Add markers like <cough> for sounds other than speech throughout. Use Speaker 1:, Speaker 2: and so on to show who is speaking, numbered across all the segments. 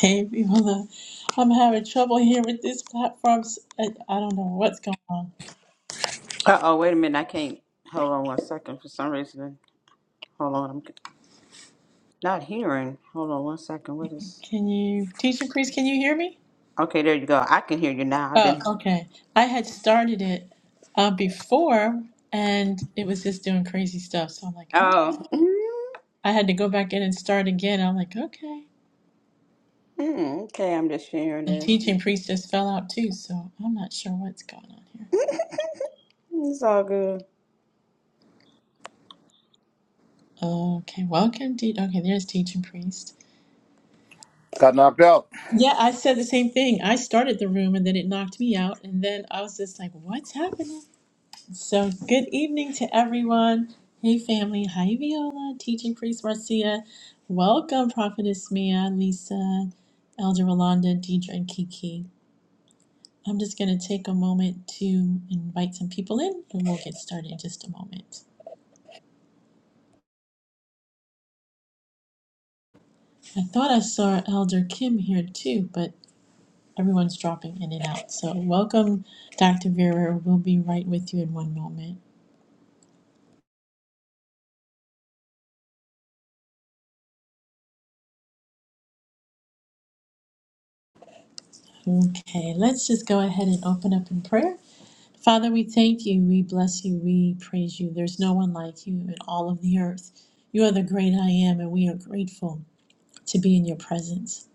Speaker 1: Hey everyone, <laughs> I'm having trouble here with this platform. S- I, I don't know what's going on.
Speaker 2: Uh oh, wait a minute. I can't. Hold on one second. For some reason, hold on. I'm not hearing. Hold on one second. What is?
Speaker 1: Can you, teacher priest, can you hear me?
Speaker 2: Okay, there you go. I can hear you now. Then
Speaker 1: Oh, okay. I had started it uh, before and it was just doing crazy stuff. So I'm like, oh.
Speaker 2: Oh. <laughs>
Speaker 1: I had to go back in and start again. I'm like, okay.
Speaker 2: Mm, okay, I'm just sharing
Speaker 1: And
Speaker 2: this.
Speaker 1: teaching priest just fell out too, so I'm not sure what's going on here.
Speaker 2: It's all good.
Speaker 1: Okay, welcome, te- okay, there's teaching priest.
Speaker 3: Got knocked out.
Speaker 1: Yeah, I said the same thing. I started the room and then it knocked me out, and then I was just like, "What's happening?" So, good evening to everyone. Hey, family. Hi, Viola, teaching priest Marcia. Welcome, Prophetess Mia, Lisa, Elder Rolanda, Deidre, and Kiki. I'm just going to take a moment to invite some people in and we'll get started in just a moment. I thought I saw Elder Kim here too, but everyone's dropping in and out. So, welcome, Dr. Vera. We'll be right with you in one moment. Okay, let's just go ahead and open up in prayer. Father, we thank you, we bless you, we praise you. There's no one like you in all of the earth. You are the great I am, and we are grateful to be in your presence.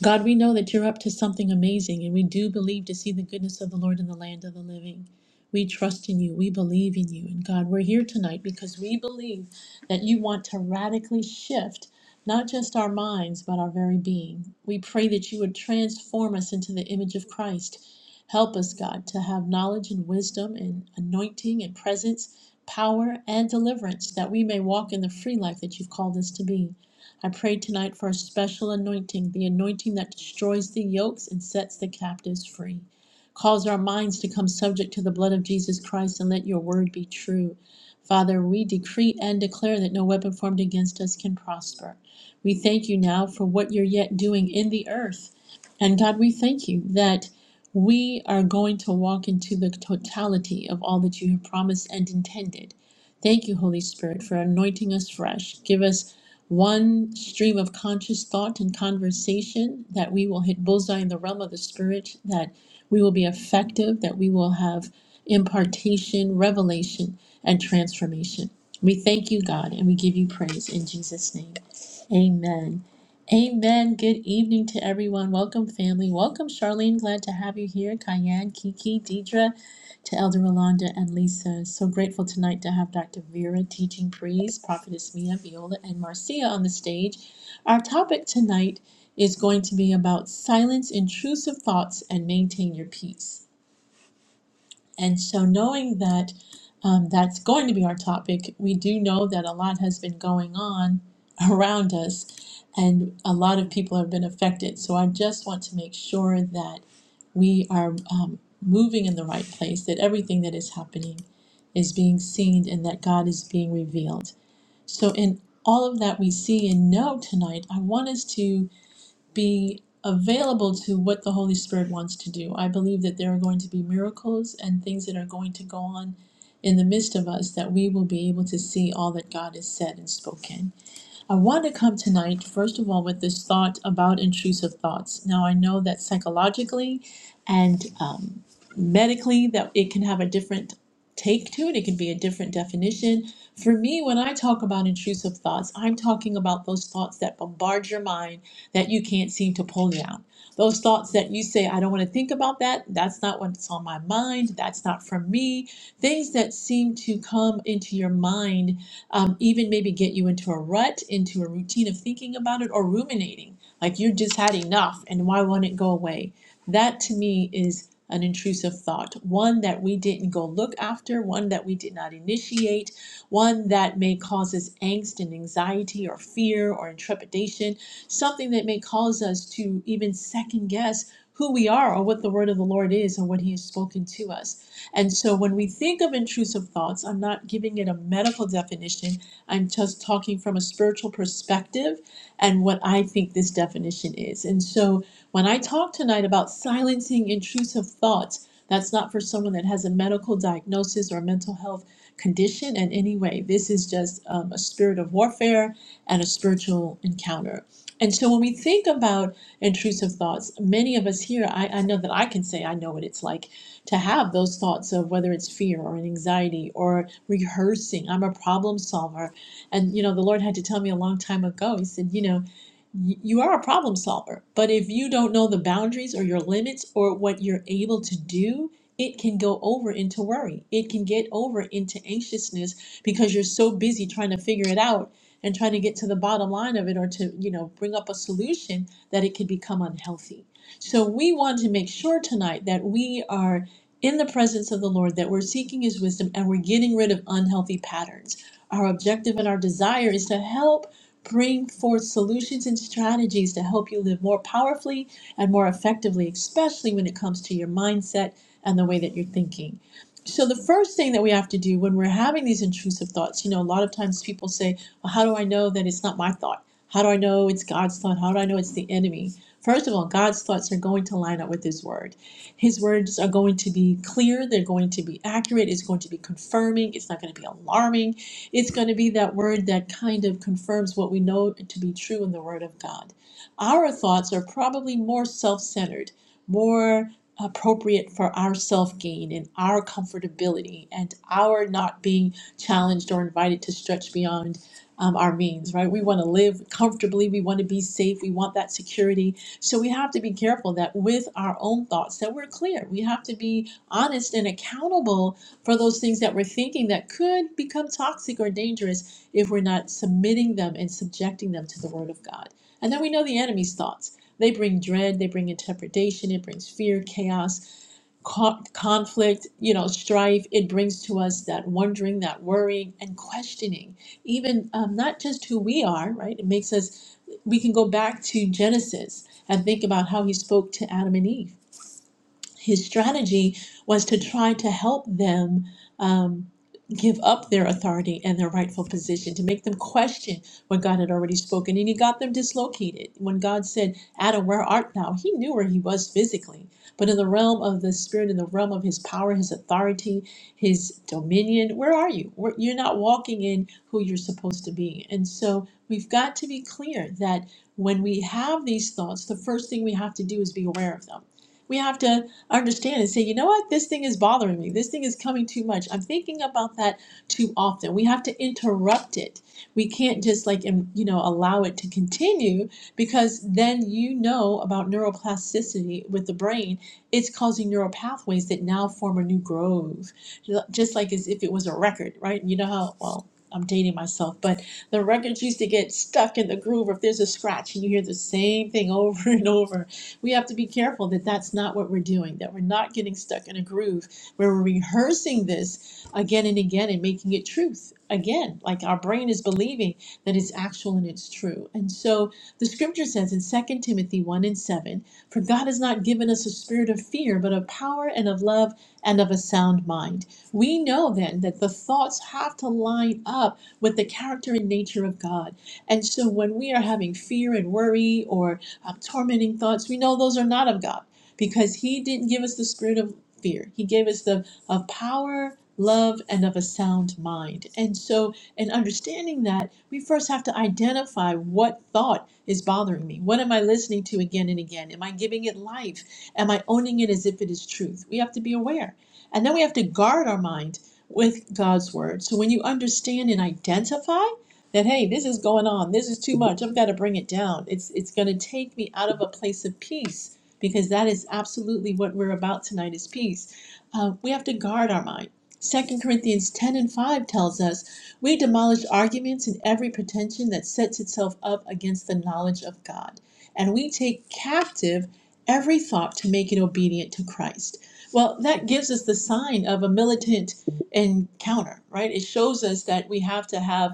Speaker 1: God, we know that you're up to something amazing, and we do believe to see the goodness of the Lord in the land of the living. We trust in you. We believe in you. And God, we're here tonight because we believe that you want to radically shift not just our minds, but our very being. We pray that you would transform us into the image of Christ. Help us, God, to have knowledge and wisdom and anointing and presence, power and deliverance, that we may walk in the free life that you've called us to be. I pray tonight for a special anointing, the anointing that destroys the yokes and sets the captives free. Cause our minds to come subject to the blood of Jesus Christ and let your word be true. Father, we decree and declare that no weapon formed against us can prosper. We thank you now for what you're yet doing in the earth. And God, we thank you that we are going to walk into the totality of all that you have promised and intended. Thank you, Holy Spirit, for anointing us fresh. Give us one stream of conscious thought and conversation, that we will hit bullseye in the realm of the spirit, that we will be effective, that we will have impartation, revelation, and transformation. We thank you, God, and we give you praise in Jesus' name. Amen. Amen. Good evening to everyone. Welcome, family. Welcome, Charlene. Glad to have you here. Kyan, Kiki, Deidre to Elder Rolanda and Lisa. So grateful tonight to have Dr. Vera teaching praise, Prophetess Mia, Viola, and Marcia on the stage. Our topic tonight is going to be about silence intrusive thoughts and maintain your peace. And so, knowing that um, that's going to be our topic, we do know that a lot has been going on <laughs> around us, and a lot of people have been affected. So, I just want to make sure that we are um, moving in the right place, that everything that is happening is being seen, and that God is being revealed. So, in all of that we see and know tonight, I want us to be available to what the Holy Spirit wants to do. I believe that there are going to be miracles and things that are going to go on in the midst of us that we will be able to see all that God has said and spoken. I want to come tonight, first of all, with this thought about intrusive thoughts. Now, I know that psychologically and um, medically that it can have a different take to it. It can be a different definition. For me, when I talk about intrusive thoughts, I'm talking about those thoughts that bombard your mind that you can't seem to pull down. Those thoughts that you say, I don't want to think about that. That's not what's on my mind. That's not for me. Things that seem to come into your mind um, even maybe get you into a rut, into a routine of thinking about it or ruminating, like you just had enough and why won't it go away? That to me is an intrusive thought, one that we didn't go look after, one that we did not initiate, one that may cause us angst and anxiety or fear or intrepidation, something that may cause us to even second guess who we are or what the word of the Lord is or what he has spoken to us. And so when we think of intrusive thoughts, I'm not giving it a medical definition. I'm just talking from a spiritual perspective and what I think this definition is. And so when I talk tonight about silencing intrusive thoughts, that's not for someone that has a medical diagnosis or mental health condition in any way. This is just um, a spirit of warfare and a spiritual encounter. And so when we think about intrusive thoughts, many of us here, I, I know that I can say I know what it's like to have those thoughts of whether it's fear or anxiety or rehearsing i'm a problem solver and you know the lord had to tell me a long time ago he said you know y- you are a problem solver but if you don't know the boundaries or your limits or what you're able to do it can go over into worry it can get over into anxiousness because you're so busy trying to figure it out and trying to get to the bottom line of it or to you know bring up a solution that it could become unhealthy so we want to make sure tonight that we are in the presence of the Lord that we're seeking His wisdom and we're getting rid of unhealthy patterns. Our objective and our desire is to help bring forth solutions and strategies to help you live more powerfully and more effectively, especially when it comes to your mindset and the way that you're thinking. So, the first thing that we have to do when we're having these intrusive thoughts, you know, a lot of times people say, Well, how do I know that it's not my thought? How do I know it's God's thought? How do I know it's the enemy? First of all, God's thoughts are going to line up with His word his words are going to be clear, they're going to be accurate, it's going to be confirming, it's not going to be alarming. It's going to be that word that kind of confirms what we know to be true in the Word of God. Our thoughts are probably more self centered, more appropriate for our self gain and our comfortability and our not being challenged or invited to stretch beyond um, our means, right? We want to live comfortably, we want to be safe, we want that security so we have to be careful that with our own thoughts that we're clear. We have to be honest and accountable for those things that we're thinking that could become toxic or dangerous if we're not submitting them and subjecting them to the word of God. And then we know the enemy's thoughts. They bring dread, they bring interpretation, it brings fear, chaos, co- conflict, you know, strife. It brings to us that wondering, that worrying, and questioning, even um, not just who we are, right? It makes us we can go back to Genesis and think about how he spoke to Adam and Eve his strategy was to try to help them um, give up their authority and their rightful position, to make them question what God had already spoken. And he got them dislocated. When God said, Adam, where art thou? He knew where he was physically. But in the realm of the spirit, in the realm of his power, his authority, his dominion, where are you? Where- You're not walking in who you're supposed to be. And so we've got to be clear that when we have these thoughts, the first thing we have to do is be aware of them. We have to understand and say, you know what, this thing is bothering me. This thing is coming too much. I'm thinking about that too often. We have to interrupt it. We can't just like, em- you know, allow it to continue because then you know about neuroplasticity with the brain. It's causing neural pathways that now form a new grove, just like as if it was a record, right? You know how, well, I'm dating myself, but the records used to get stuck in the groove. If there's a scratch and you hear the same thing <laughs> over and over, we have to be careful that that's not what we're doing, that we're not getting stuck in a groove where we're rehearsing this again and again and making it truth again. Like our brain is believing that it's actual and it's true. And so the scripture says in Second Timothy 1 and 7 For God has not given us a spirit of fear, but of power and of love and of a sound mind. We know then that the thoughts have to line up with the character and nature of God. And so when we are having fear and worry, um, tormenting thoughts. We know those are not of God because He didn't give us the spirit of fear. He gave us the of power, love, and of a sound mind. And so, in understanding that, we first have to identify what thought is bothering me. What am I listening to again and again? Am I giving it life? Am I owning it as if it is truth? We have to be aware. And then we have to guard our mind with God's word. So when you understand and identify, that hey this is going on this is too much i've got to bring it down it's it's going to take me out of a place of peace because that is absolutely what we're about tonight is peace Uh, we have to guard our mind Second corinthians 10 and 5 tells us we demolish arguments and every pretension that sets itself up against the knowledge of god and we take captive every thought to make it obedient to christ well that gives us the sign of a militant encounter right it shows us that we have to have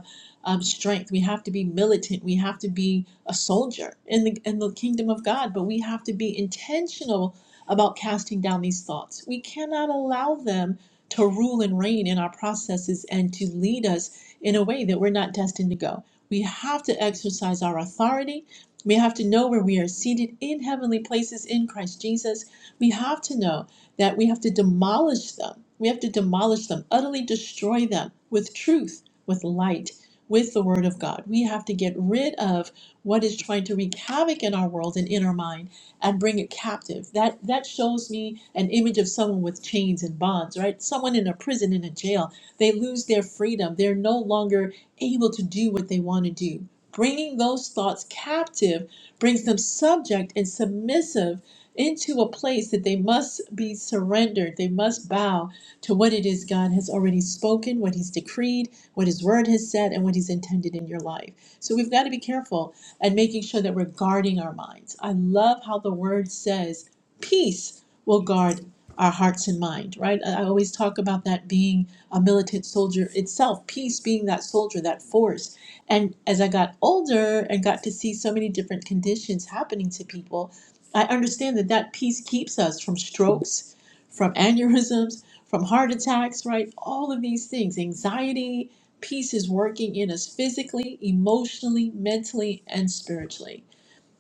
Speaker 1: um, strength. We have to be militant. We have to be a soldier in the in the kingdom of God. But we have to be intentional about casting down these thoughts. We cannot allow them to rule and reign in our processes and to lead us in a way that we're not destined to go. We have to exercise our authority. We have to know where we are seated in heavenly places in Christ Jesus. We have to know that we have to demolish them. We have to demolish them, utterly destroy them with truth, with light with the Word of God. We have to get rid of what is trying to wreak havoc in our world and in our mind and bring it captive. That that shows me an image of someone with chains and bonds, right? Someone in a prison in a jail. They lose their freedom. They're no longer able to do what they want to do. Bringing those thoughts captive brings them subject and submissive into a place that they must be surrendered. They must bow to what it is God has already spoken, what He's decreed, what His Word has said, and what He's intended in your life. So we've got to be careful and making sure that we're guarding our minds. I love how the Word says, peace will guard our hearts and mind, right? I I always talk about that being a militant soldier itself, peace being that soldier, that force. And as I got older and got to see so many different conditions happening to people, I understand that that peace keeps us from strokes, from aneurysms, from heart attacks, right? All of these things, anxiety, peace is working in us physically, emotionally, mentally, and spiritually.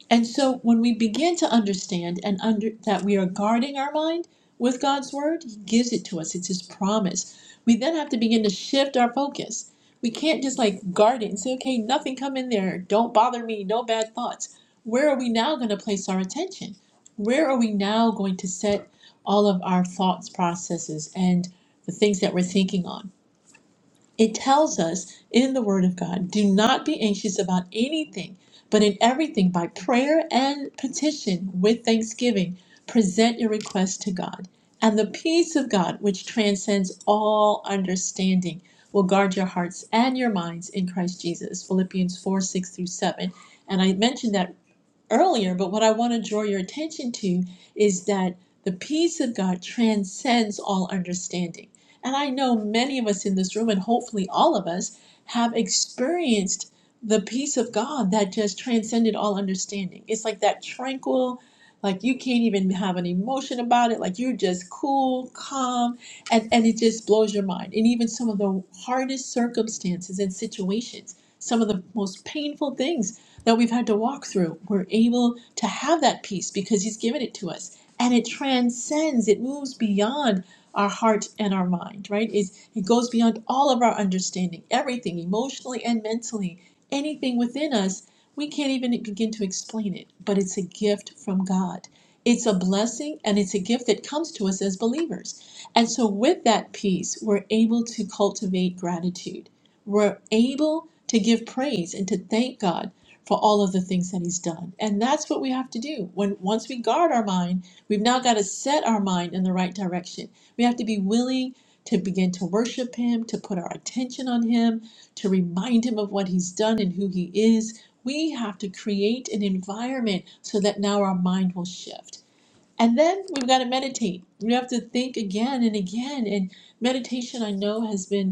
Speaker 1: And so when we begin to understand and under that we are guarding our mind with God's word, he gives it to us. It's his promise. We then have to begin to shift our focus. We can't just like guard it and say, okay, nothing come in there. Don't bother me. No bad thoughts. Where are we now going to place our attention? Where are we now going to set all of our thoughts, processes, and the things that we're thinking on? it tells us in the Word of God do not be anxious about anything, but in everything by prayer and petition with thanksgiving, present your requests to God. And the peace of God, which transcends all understanding, will guard your hearts and your minds in Christ Jesus. Philippians 4 6 through 7. And I mentioned that earlier, but what I want to draw your attention to is that the peace of God transcends all understanding. And I know many of us in this room, and hopefully all of us, have experienced the peace of God that just transcended all understanding. It's like that tranquil, like you can't even have an emotion about it, like you're just cool, calm, and, and it just blows your mind. And even some of the hardest circumstances and situations, some of the most painful things that we've had to walk through, we're able to have that peace because He's given it to us. And it transcends, it moves beyond our heart and our mind, right? It's, it goes beyond all of our understanding, everything, emotionally and mentally, anything within us. We can't even begin to explain it, but it's a gift from God. It's a blessing and it's a gift that comes to us as believers. And so, with that peace, we're able to cultivate gratitude. We're able to give praise and to thank God for all of the things that he's done. And that's what we have to do. When once we guard our mind, we've now got to set our mind in the right direction. We have to be willing to begin to worship him, to put our attention on him, to remind him of what he's done and who he is. We have to create an environment so that now our mind will shift. And then we've got to meditate. We have to think again and again. And meditation, I know, has been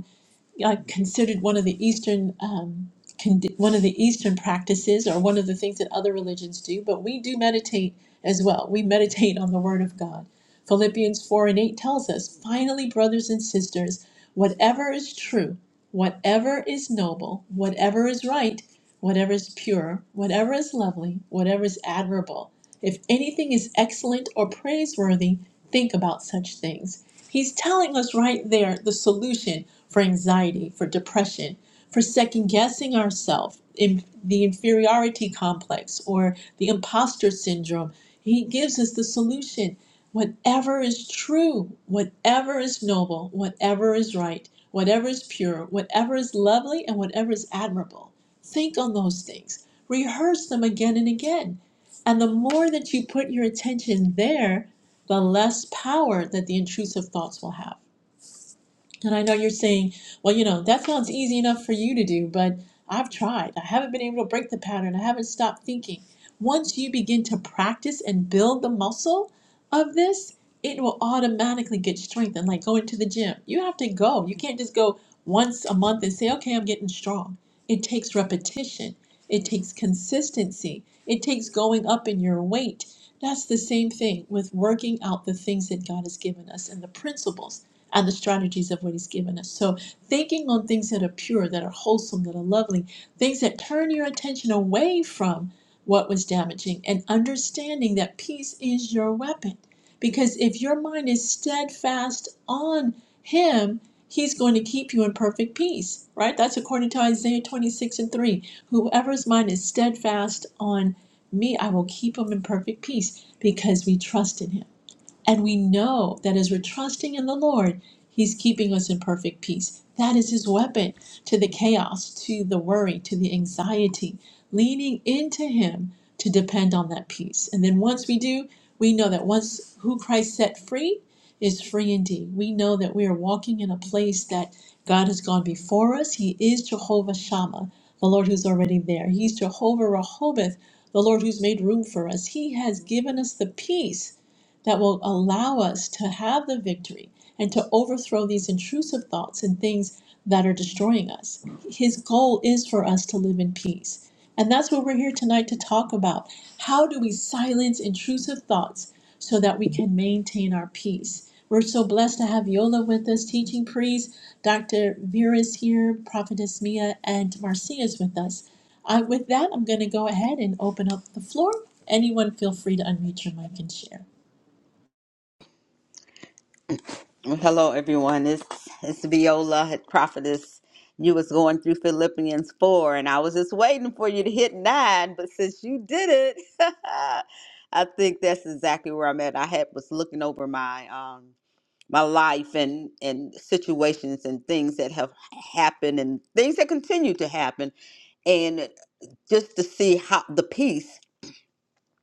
Speaker 1: I considered one of the Eastern um, condi- one of the Eastern practices or one of the things that other religions do, but we do meditate as well. We meditate on the Word of God. Philippians 4 and 8 tells us, finally, brothers and sisters, whatever is true, whatever is noble, whatever is right, whatever is pure, whatever is lovely, whatever is admirable, if anything is excellent or praiseworthy, think about such things He's telling us right there the solution for anxiety, for depression, for second guessing ourselves, in the inferiority complex or the imposter syndrome. He gives us the solution. Whatever is true, whatever is noble, whatever is right, whatever is pure, whatever is lovely, and whatever is admirable. Think on those things. Rehearse them again and again. And the more that you put your attention there, the less power that the intrusive thoughts will have. And I know you're saying, well, you know, that sounds easy enough for you to do, but I've tried. I haven't been able to break the pattern. I haven't stopped thinking. Once you begin to practice and build the muscle of this, it will automatically get strengthened, like going to the gym. You have to go. You can't just go once a month and say, okay, I'm getting strong. It takes repetition, it takes consistency, it takes going up in your weight. That's the same thing with working out the things that God has given us and the principles and the strategies of what He's given us. So, thinking on things that are pure, that are wholesome, that are lovely, things that turn your attention away from what was damaging, and understanding that peace is your weapon. Because if your mind is steadfast on Him, He's going to keep you in perfect peace, right? That's according to Isaiah 26 and 3. Whoever's mind is steadfast on me, I will keep him in perfect peace because we trust in Him. And we know that as we're trusting in the Lord, He's keeping us in perfect peace. That is His weapon to the chaos, to the worry, to the anxiety, leaning into Him to depend on that peace. And then once we do, we know that once who Christ set free is free indeed. We know that we are walking in a place that God has gone before us. He is Jehovah Shammah, the Lord who's already there. He's Jehovah Rehoboth, the Lord who's made room for us. He has given us the peace that will allow us to have the victory and to overthrow these intrusive thoughts and things that are destroying us. His goal is for us to live in peace. And that's what we're here tonight to talk about. How do we silence intrusive thoughts so that we can maintain our peace? We're so blessed to have Yola with us, teaching priest. Dr. Vera's here, Prophetess Mia, and Marcia's with us. I, with that, I'm going to go ahead and open up the floor. Anyone feel free to unmute your mic and share.
Speaker 2: Well, Hello, everyone. It's it's Viola, prophetess. You was going through Philippians four, and I was just waiting for you to hit nine. But since you did it, <laughs> I think that's exactly where I'm at. I had was looking over my um. my life and and situations and things that have happened and things that continue to happen and just to see how the peace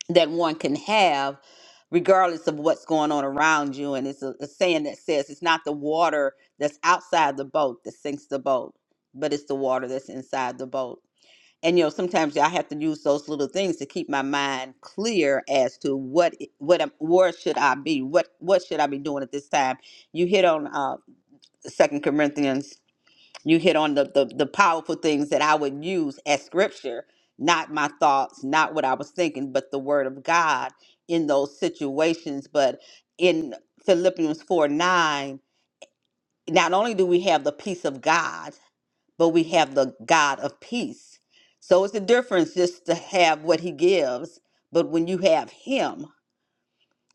Speaker 2: that one can have regardless of what's going on around you and it's a, a saying that says it's not the water that's outside the boat that sinks the boat but it's the water that's inside the boat and you know sometimes i have to use those little things to keep my mind clear as to what what am- where should i be what what should i be doing at this time you hit on uh, second corinthians you hit on the, the the powerful things that i would use as scripture not my thoughts not what i was thinking but the word of god in those situations but in philippians 4 9 not only do we have the peace of god but we have the god of peace so it's a difference just to have what he gives but when you have him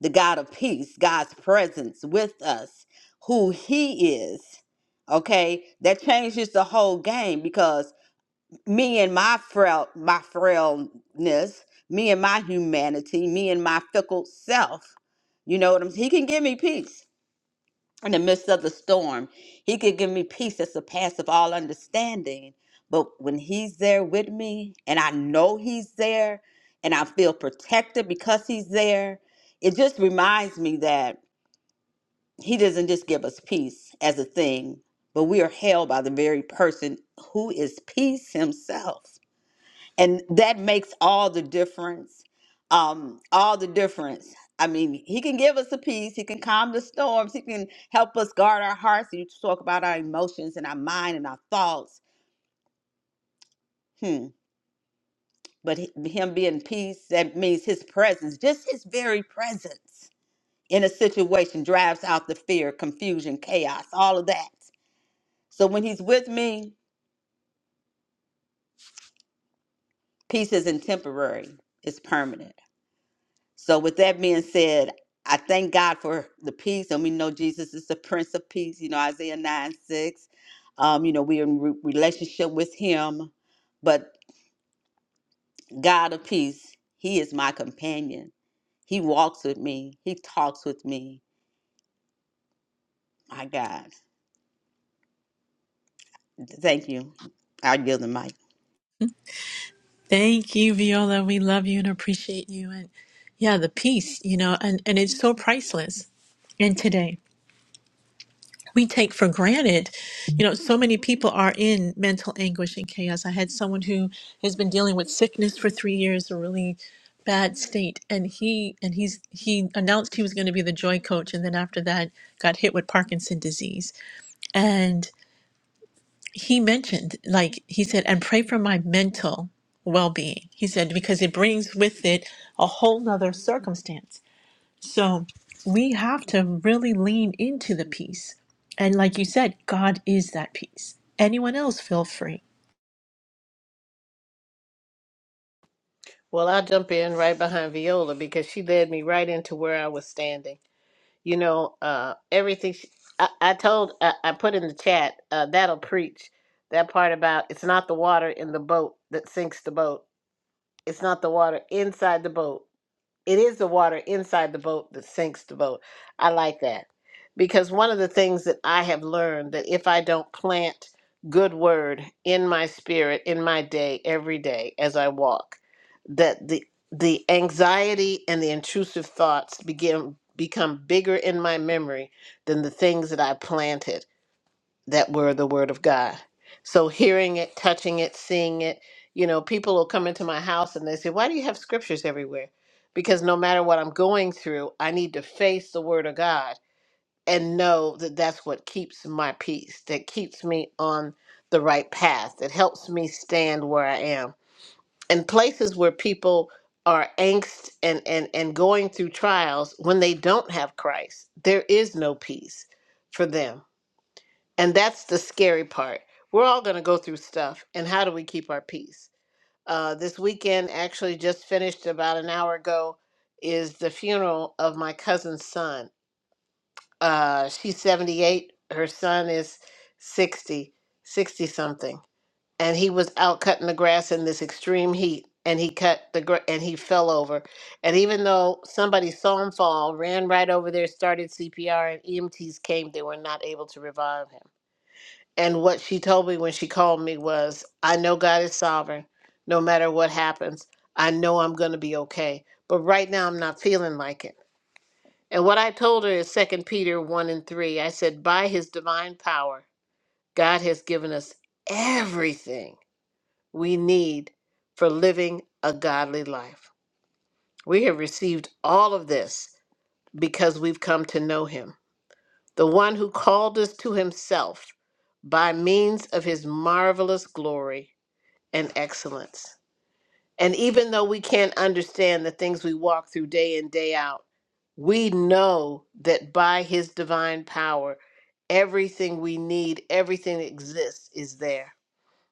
Speaker 2: the God of peace, God's presence with us, who He is. Okay, that changes the whole game because me and my frail, my frailness, me and my humanity, me and my fickle self. You know what I'm saying? He can give me peace in the midst of the storm. He could give me peace that surpasses all understanding. But when he's there with me and I know he's there and I feel protected because he's there, it just reminds me that he doesn't just give us peace as a thing, but we are held by the very person who is peace himself and that makes all the difference um all the difference i mean he can give us a peace he can calm the storms he can help us guard our hearts you talk about our emotions and our mind and our thoughts hmm but hi- him being peace that means his presence just his very presence in a situation drives out the fear confusion chaos all of that so when he's with me peace isn't temporary it's permanent So, with that being said, I thank God for the peace, and we know Jesus is the Prince of Peace. You know Isaiah nine six. Um, you know we're in re- relationship with Him, but God of peace, He is my companion. He walks with me. He talks with me. My God, thank you. I yield the mic.
Speaker 1: Thank you, Viola. We love you and appreciate you. And yeah, the peace, you know, and, and it's so priceless. And today we take for granted, you know, so many people are in mental anguish and chaos. I had someone who has been dealing with sickness for three years, a really bad state. And he, and he's, he announced he was going to be the joy coach. And then after that got hit with Parkinson's disease he mentioned, like he said, and pray for my mental well being. He said, because it brings with it a whole nother circumstance. So we have to really lean into the peace. And like you said, God is that peace. Anyone else, feel free.
Speaker 4: Well, i jump in right behind Viola because she led me right into where I was standing. You know, uh, everything she, I, I told, I, I put in the chat, uh, that'll preach that part about it's not the water in the boat that sinks the boat, it's not the water inside the boat it is the water inside the boat that sinks the boat. I like that. Because one of the things that I have learned that if I don't plant good word in my spirit in my day every day as I walk, that the the anxiety and the intrusive thoughts begin become bigger in my memory than the things that I planted that were the word of God. So hearing it, touching it, seeing it, you know, people will come into my house and they say, "Why do you have scriptures everywhere?" Because no matter what I'm going through, I need to face the word of God and know that that's what keeps my peace, that keeps me on the right path, that helps me stand where I am. In places where people are angst and and and going through trials when they don't have Christ, there is no peace for them and that's the scary part. We're all going to go through stuff, and how do we keep our peace? Uh, this weekend, actually, just finished about an hour ago, is the funeral of my cousin's son. Uh, she's 78, her son is sixty, sixty something. And he was out cutting the grass in this extreme heat, and he cut the gra- and he fell over. And even though somebody saw him fall, ran right over there, started CPR, and EMTs came, they were not able to revive him and what she told me when she called me was, I know God is sovereign. No matter what happens, I know I'm going to be okay. But right now, I'm not feeling like it. And what I told her is Second Peter 1 and 3. I said, By his divine power, God has given us everything we need for living a godly life. We have received all of this because we've come to know him, the one who called us to himself by means of his marvelous glory and excellence. And even though we can't understand the things we walk through day in, day out, we know that by His divine power, everything we need, everything that exists is there.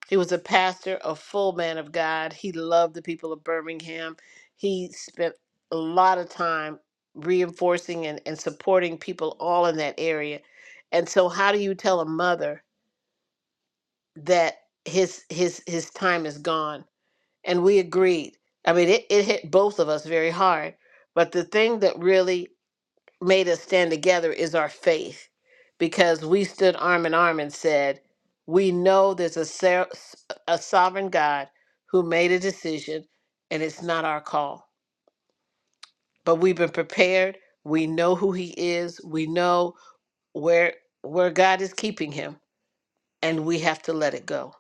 Speaker 4: He was a pastor, a full man of God. He loved the people of Birmingham. He spent a lot of time reinforcing and, and supporting people all in that area. And so how do you tell a mother that his his his time is gone? and we agreed. I mean, it, it hit both of us very hard. But the thing that really made us stand together is our faith, because we stood arm in arm and said, We know there's a, ser- a sovereign God who made a decision, and it's not our call. But we've been prepared. We know who He is, we know where, where God is keeping Him, and we have to let it go.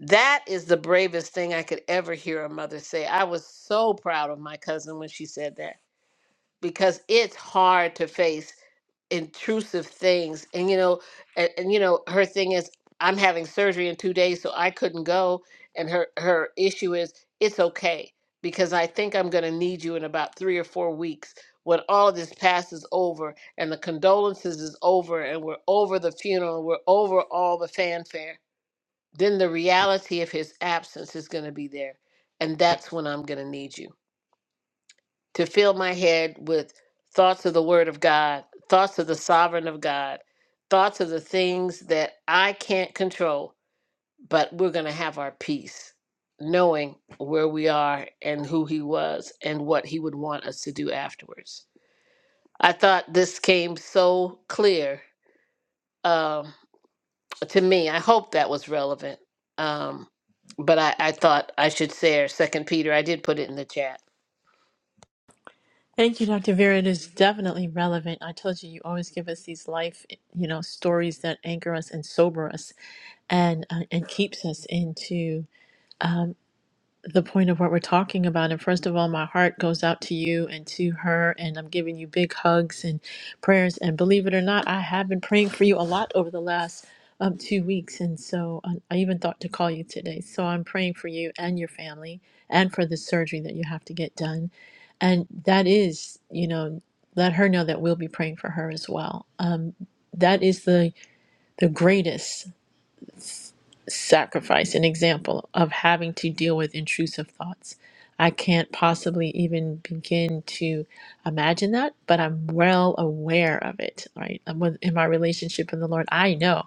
Speaker 4: That is the bravest thing I could ever hear a mother say. I was so proud of my cousin when she said that because it's hard to face intrusive things. And you know, and, and you know, her thing is I'm having surgery in 2 days so I couldn't go and her her issue is it's okay because I think I'm going to need you in about 3 or 4 weeks when all this passes over and the condolences is over and we're over the funeral, we're over all the fanfare then the reality of his absence is going to be there. And that's when I'm going to need you to fill my head with thoughts of the Word of God, thoughts of the sovereign of God, thoughts of the things that I can't control, but we're going to have our peace, knowing where we are and who He was and what He would want us to do afterwards. I thought this came so clear. Um, to me. I hope that was relevant. Um, but I, I thought I should share Second Peter. I did put it in the chat.
Speaker 1: Thank you, Dr. Vera. It is definitely relevant. I told you, you always give us these life, you know, stories that anchor us and sober us and uh, and keeps us into the point of what we're talking about. And first of all, my heart goes out to you and to her, and I'm giving you big hugs and prayers. And believe it or not, I have been praying for you a lot over the last um, two weeks. And so I, I even thought to call you today. So I'm praying for you and your family and for the surgery that you have to get done. And that is, you know, let her know that we'll be praying for her as well. Um, that is the the greatest s- sacrifice, an example of having to deal with intrusive thoughts. I can't possibly even begin to imagine that, but I'm well aware of it, right? And with- In my relationship with the Lord, I know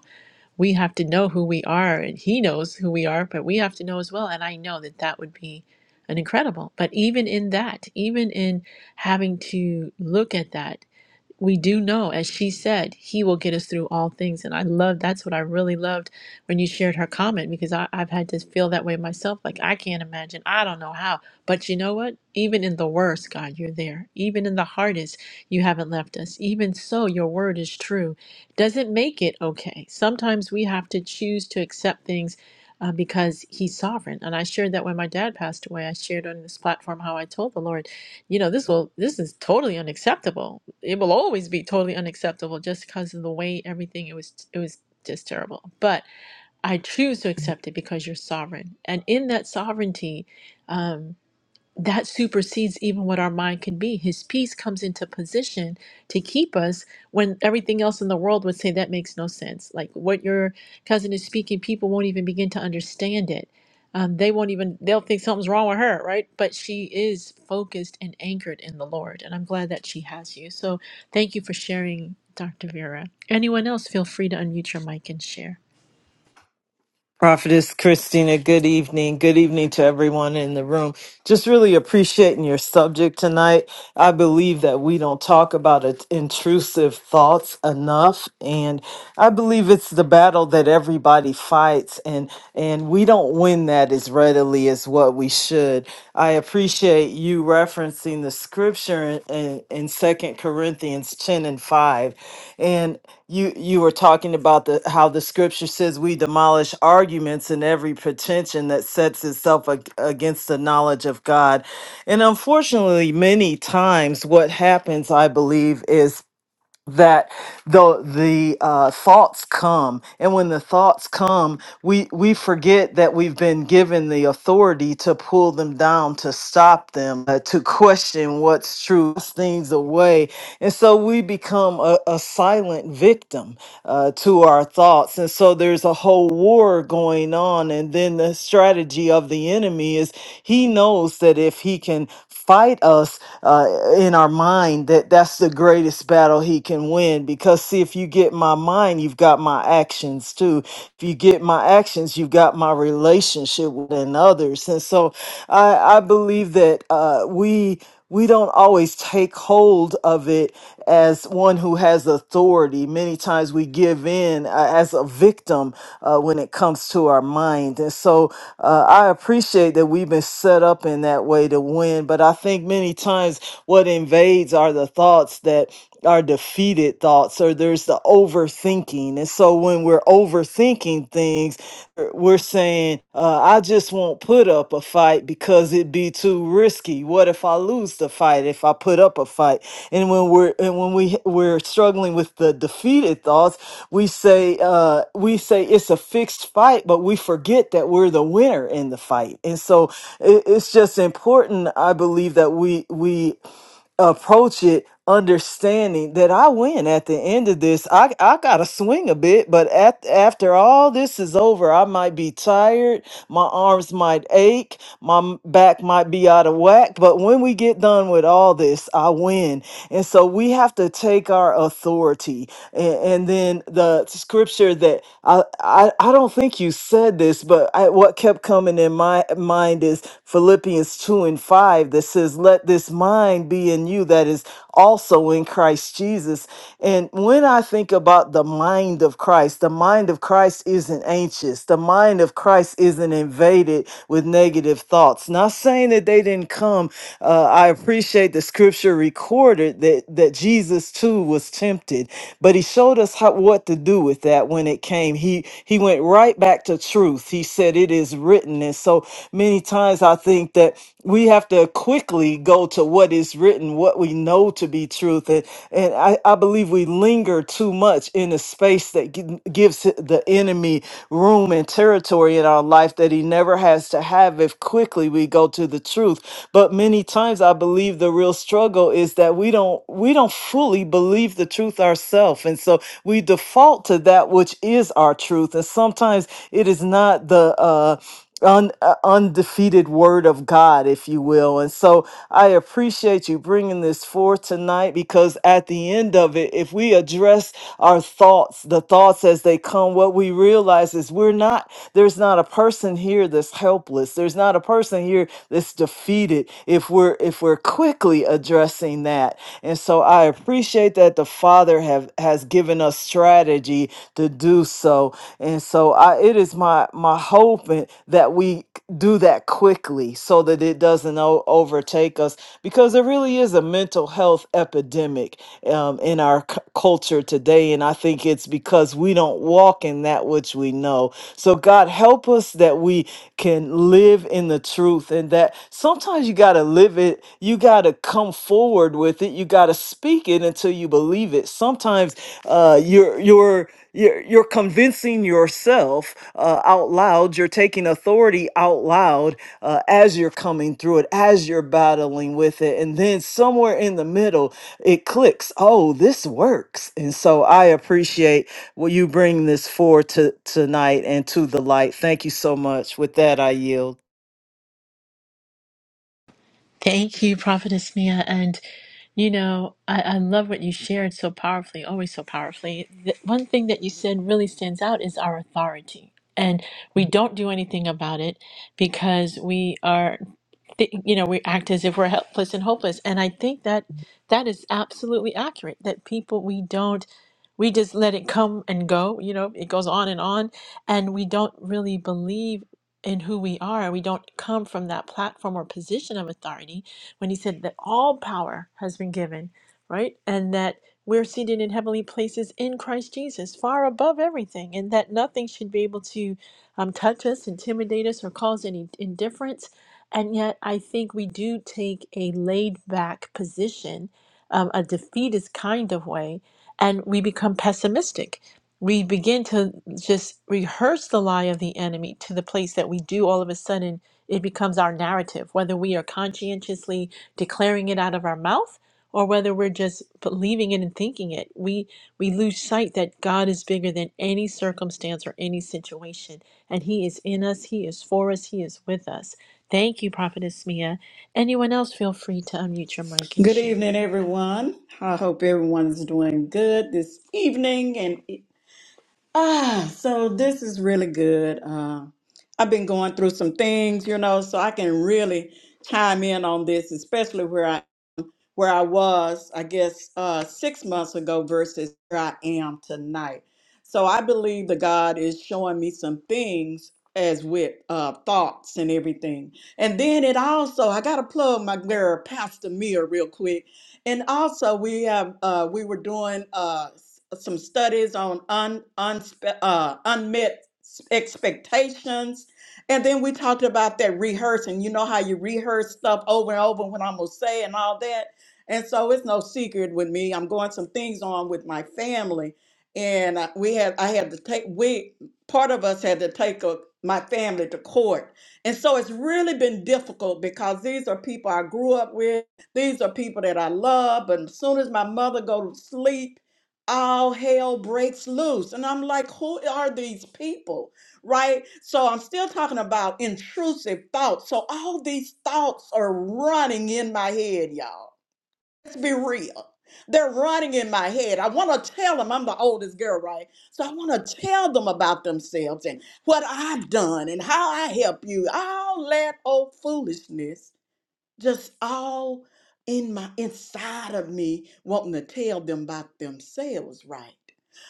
Speaker 1: we have to know who we are, and He knows who we are, but we have to know as well. And I know that that would be an incredible. But even in that, even in having to look at that we do know, as she said, He will get us through all things. And I love that's what I really loved when you shared her comment because I, I've had to feel that way myself. Like, I can't imagine, I don't know how. But you know what? Even in the worst, God, you're there. Even in the hardest, you haven't left us. Even so, your word is true. Doesn't make it okay. Sometimes we have to choose to accept things. Uh, because he's sovereign. And I shared that when my dad passed away. I shared on this platform how I told the Lord you know this will this is totally unacceptable it will always be totally unacceptable just because of the way everything it was it was just terrible but i choose to accept it because you're sovereign and in that sovereignty um, that supersedes even what our mind can be. His peace comes into position to keep us when everything else in the world would say that makes no sense. Like what your cousin is speaking, people won't even begin to understand it. Um, they won't even, they'll think something's wrong with her, right? But she is focused and anchored in the Lord. And I'm glad that she has you. So thank you for sharing, Dr. Vera. Anyone else, feel free to unmute your mic and share.
Speaker 5: Prophetess Christina, good evening. Good evening to everyone in the room. Just really appreciating your subject tonight. I believe that we don't talk about it, intrusive thoughts enough, and I believe it's the battle that everybody fights, and and we don't win that as readily as what we should. I appreciate you referencing the scripture in, in, in 2 Corinthians 10 and 5. And you you were talking about the how the scripture says we demolish arguments and every pretension that sets itself ag- against the knowledge of God. And unfortunately, many times what happens, I believe, is that the the uh, thoughts come and when the thoughts come we we forget that we've been given the authority to pull them down to stop them uh, to question what's true cast things away and so we become a, a silent victim uh, to our thoughts and so there's a whole war going on and then the strategy of the enemy is he knows that if he can fight us uh, in our mind that that's the greatest greatest battle he can win because see if you get my mind you've got my actions too if you get my actions you've got my relationship with and others and so i i believe that uh we we don't always take hold of it as one who has authority. Many times we give in uh, as a victim uh, when it comes to our mind. And so uh, I appreciate that we've been set up in that way to win. But I think many times what invades decades are the thoughts that are defeated thoughts, or there's the overthinking. And so when we're overthinking things, we're saying, uh, I just won't put up a fight because it'd be too risky. What if I lose the fight if I put up a fight? And when we're and when we we're struggling with the defeated thoughts, we say uh, we say it's a fixed fight, but we forget that we're the winner in the fight. And so it, it's just important, I believe, that we we approach it understanding that I win at the end of this. I I got to swing a bit, but at, after all this is over, I might be tired, my arms might ache, my m- back might be out of whack, but when we get done with all this, I win. And so we have to take our authority. And, and then the scripture that I, I I don't think you said this, but I, what kept coming in my mind is Philippians 2 and 5 5 that says, Let this mind be in you that is also in Christ Jesus. And when I think about the mind of Christ, the mind of Christ isn't anxious, the mind of Christ isn't invaded with negative thoughts. Not saying that they didn't come. Uh, I appreciate the scripture recorded that, that Jesus too was tempted, but he showed us how, what to do with that when it came. He, he went right back to truth. He said, It is written. And so Many times I think that we have to quickly go to what is written, what we know to be truth. And, and I, I believe we linger too much in a space that gi- gives the enemy room and territory in our life that he never has to have if quickly we go to the truth. But many times I believe the real struggle is that we don't we don't fully believe the truth ourselves. And so we default to that which is our truth. And sometimes it is not the uh un, uh, undefeated word of God, if you will. And so I appreciate you bringing this forth tonight because at the end of it, if we address our thoughts, the thoughts as they come, what we realize is we're not, there's not a person here that's helpless. There's not a person here that's defeated if we're, if we're quickly addressing that. And so I appreciate that the Father have, has given us strategy to do so. And so I, it is my my hope and- that we do that quickly so that it doesn't o- overtake us because there really is a mental health epidemic um, in our c- culture today. And I think it's because we don't walk in that which we know. So, God, help us that we can live in the truth and that sometimes you got to live it. You got to come forward with it. You got to speak it until you believe it. Sometimes uh, your your you're, you're convincing yourself uh, out loud you're taking authority out loud uh, as you're coming through it as you're battling with it and then somewhere in the middle it clicks oh this works and so i appreciate what you bring this for to tonight and to the light thank you so much with that i yield
Speaker 1: Thank you, Prophetess Mia. And, you know, I, I love what you shared so powerfully, always so powerfully. The, one thing that you said really stands out is our authority. And we don't do anything about it because we are, th- you know, we act as if we're helpless and hopeless. And I think that that is absolutely accurate that people, we don't, we just let it come and go, you know, it goes on and on. And we don't really believe in who we are. We don't come from that platform or position of authority when he said that all power has been given, right? And that we're seated in heavenly places in Christ Jesus, far above everything, and that nothing should be able to um, touch us, intimidate us, or cause any indifference. And yet, I think we do take a laid back position, um, a defeatist kind of way, and we become pessimistic we begin to just rehearse the lie of the enemy to the place that we do all of a sudden it becomes our narrative whether we are conscientiously declaring it out of our mouth or whether we're just believing it and thinking it we we lose sight that god is bigger than any circumstance or any situation and he is in us he is for us he is with us thank you prophetess mia anyone else feel free to unmute your mic and
Speaker 6: Good
Speaker 1: share
Speaker 6: evening, everyone. I hope everyone's doing good this evening. And ah, so this is really good. Uh, I've been going through some things, you know, so I can really chime in on this, especially where I where I was, I guess, uh, six months ago versus where I am tonight. So I believe that God is showing me some things as with uh, thoughts and everything. And then it also, I got to plug my girl, Pastor Mia, real quick. And also, we have uh, we were doing uh, s- some studies on un, unspe- uh, unmet s- expectations. And then we talked about that rehearsing. You know how you rehearse stuff over and over when I'm gonna say and all that. And so it's no secret with me. I'm going some things on with my family. And I- we had, I had to take, we, part of us had to take a, my family to court. And so it's really been difficult because these are people I grew up with. These are people that I love. But as soon as my mother go to sleep, all hell breaks loose. And I'm like, who are these people? Right? So I'm still talking about intrusive thoughts. So all these thoughts are running in my head, y'all let's be real. They're running in my head. I want to tell them I'm the oldest girl, right? So I want to tell them about themselves and what I've done and how I help you. All that old foolishness just all in my inside of me wanting to tell them about themselves right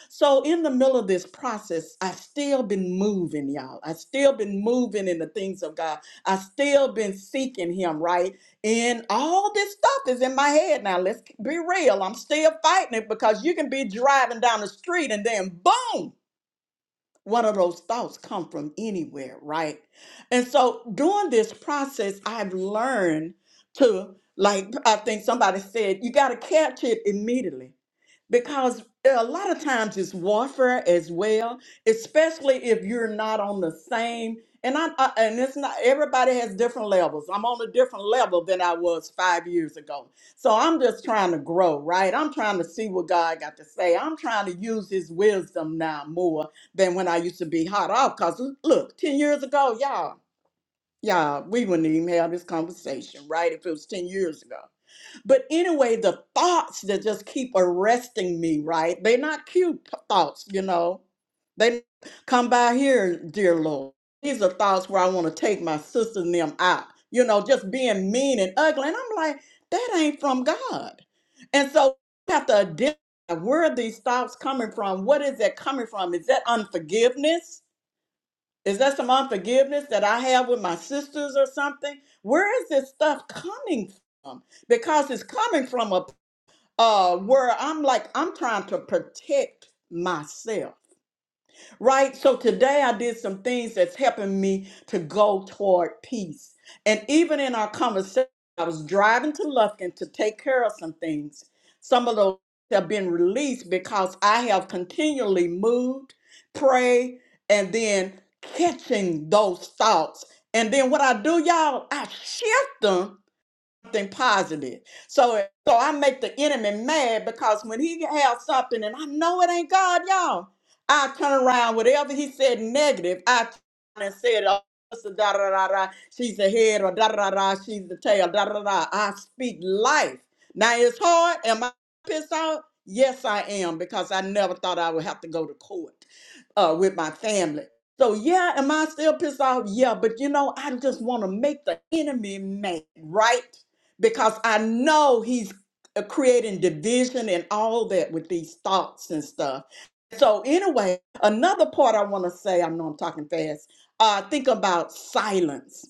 Speaker 6: so in the middle of this process i still been moving y'all i still been moving in the things of god i still been seeking him right and all this stuff is in my head now let's be real i'm still fighting it because you can be driving down the street and then boom one of those thoughts come from anywhere, right? And so during this process, I've learned to, like, I think somebody said, you got to catch it immediately because eh, a lot of times it's warfare as well, especially if you're not on the same. And I, I and it's not everybody has different levels. I'm on a different level than I was five years ago. So I'm just trying to grow, right? I'm trying to see what God got to say. I'm trying to use His wisdom now more than when I used to be hot off. Cause look, ten years ago, y'all, y'all, we wouldn't even have this conversation, right? If it was ten years ago. But anyway, the thoughts that just keep arresting me, right? They're not cute p- thoughts, you know. They come by here, dear Lord. These are thoughts where I want to take my sister and them out, you know, just being mean and ugly. And I'm like, that ain't from God. And so we have to identify where are these thoughts coming from? What is that coming from? Is that unforgiveness? Is that some unforgiveness that I have with my sisters or something? Where is this stuff coming from? Because it's coming from a uh, where I'm like, I'm trying to protect myself right? So today I did some things that's helping me to go toward peace. And even in our conversation, I was driving to Lufkin to take care of some things. Some of those have been released because I have continually moved, prayed, and then catching those thoughts. And then what I do, y'all, I shift them something positive. So so I make the enemy mad because when he has something and I know it ain't God, y'all, I turn around whatever he said negative, I turn around and said, oh, this is da da da da, she's the head or da da da, she's the tail, da da da. I speak life. Now it's hard. Am I pissed off? Yes, I am because I never thought I would have to go to court uh, with my family. So yeah, am I still pissed off? Yeah, but you know, I just want to make the enemy mad, right? because I know he's uh, creating division and all that with these thoughts and stuff. So anyway, another part I want to say, I know I'm talking fast. Uh, think about silence.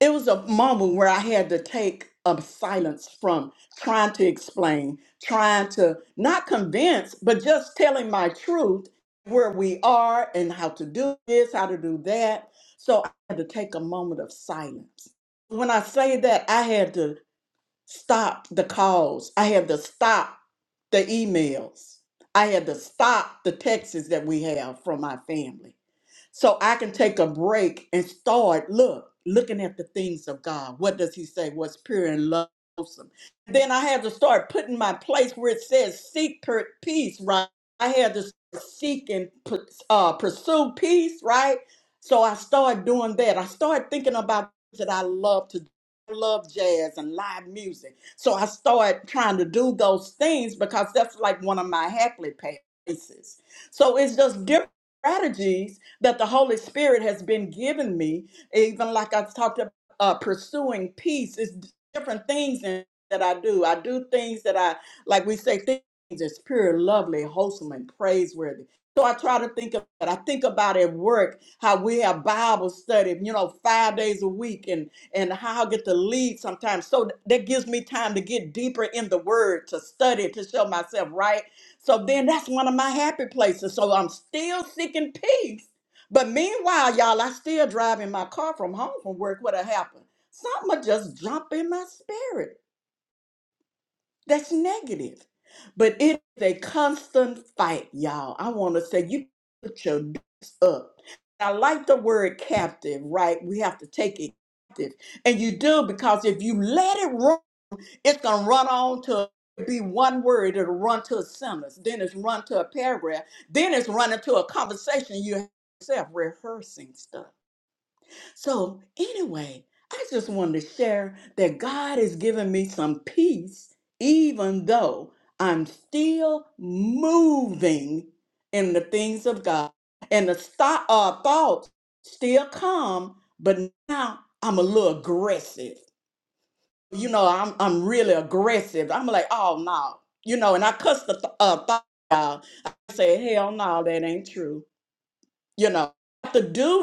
Speaker 6: It was a moment where I had to take a silence from trying to explain, trying to not convince, but just telling my truth where we are and how to do this, how to do that. So I had to take a moment of silence. When I say that, I had to stop the calls. I had to stop the emails. I had to stop the texts that we have from my family. So I can take a break and start look, looking at the things of God. What does he say? What's pure and loathsome? Then I had to start putting my place where it says seek per- peace, right? I had to seek and pu- uh, pursue peace, right? So I started doing that. I started thinking about things that I love to do. I love jazz and live music. So I started trying to do those things because that's like one of my happily places. So it's just different strategies that the Holy Spirit has been given me, even like I've talked about uh, pursuing peace, is different things in- that I do. I do things that I, like we say, things that's pure, lovely, wholesome, and praiseworthy. So I try to think of it. I think about at work how we have Bible study, you know, five days a week, and and how I get to lead sometimes. So that gives me time to get deeper in the Word, to study, to show myself right. So then that's one of my happy places. So I'm still seeking peace but meanwhile, y'all, I still driving my car from home from work. What happened? Something will just jump in my spirit. That's negative. But it's a constant fight, y'all. I want to say you put your dukes up. I like the word captive, right? We have to take it captive. And you do because if you let it run, it's gonna run on to be one word, it'll run to a sentence, then it's run to a paragraph, then it's running to a conversation you have yourself rehearsing stuff. So, anyway, I just wanted to share that God has given me some peace, even though I'm still moving in the things of God. And the sto- uh, thoughts still come, but now I'm a little aggressive. You know, I'm, I'm really aggressive. I'm like, oh, no. You know, and I cuss the th- uh, thought out. I say, hell no, that ain't true. You know, have to do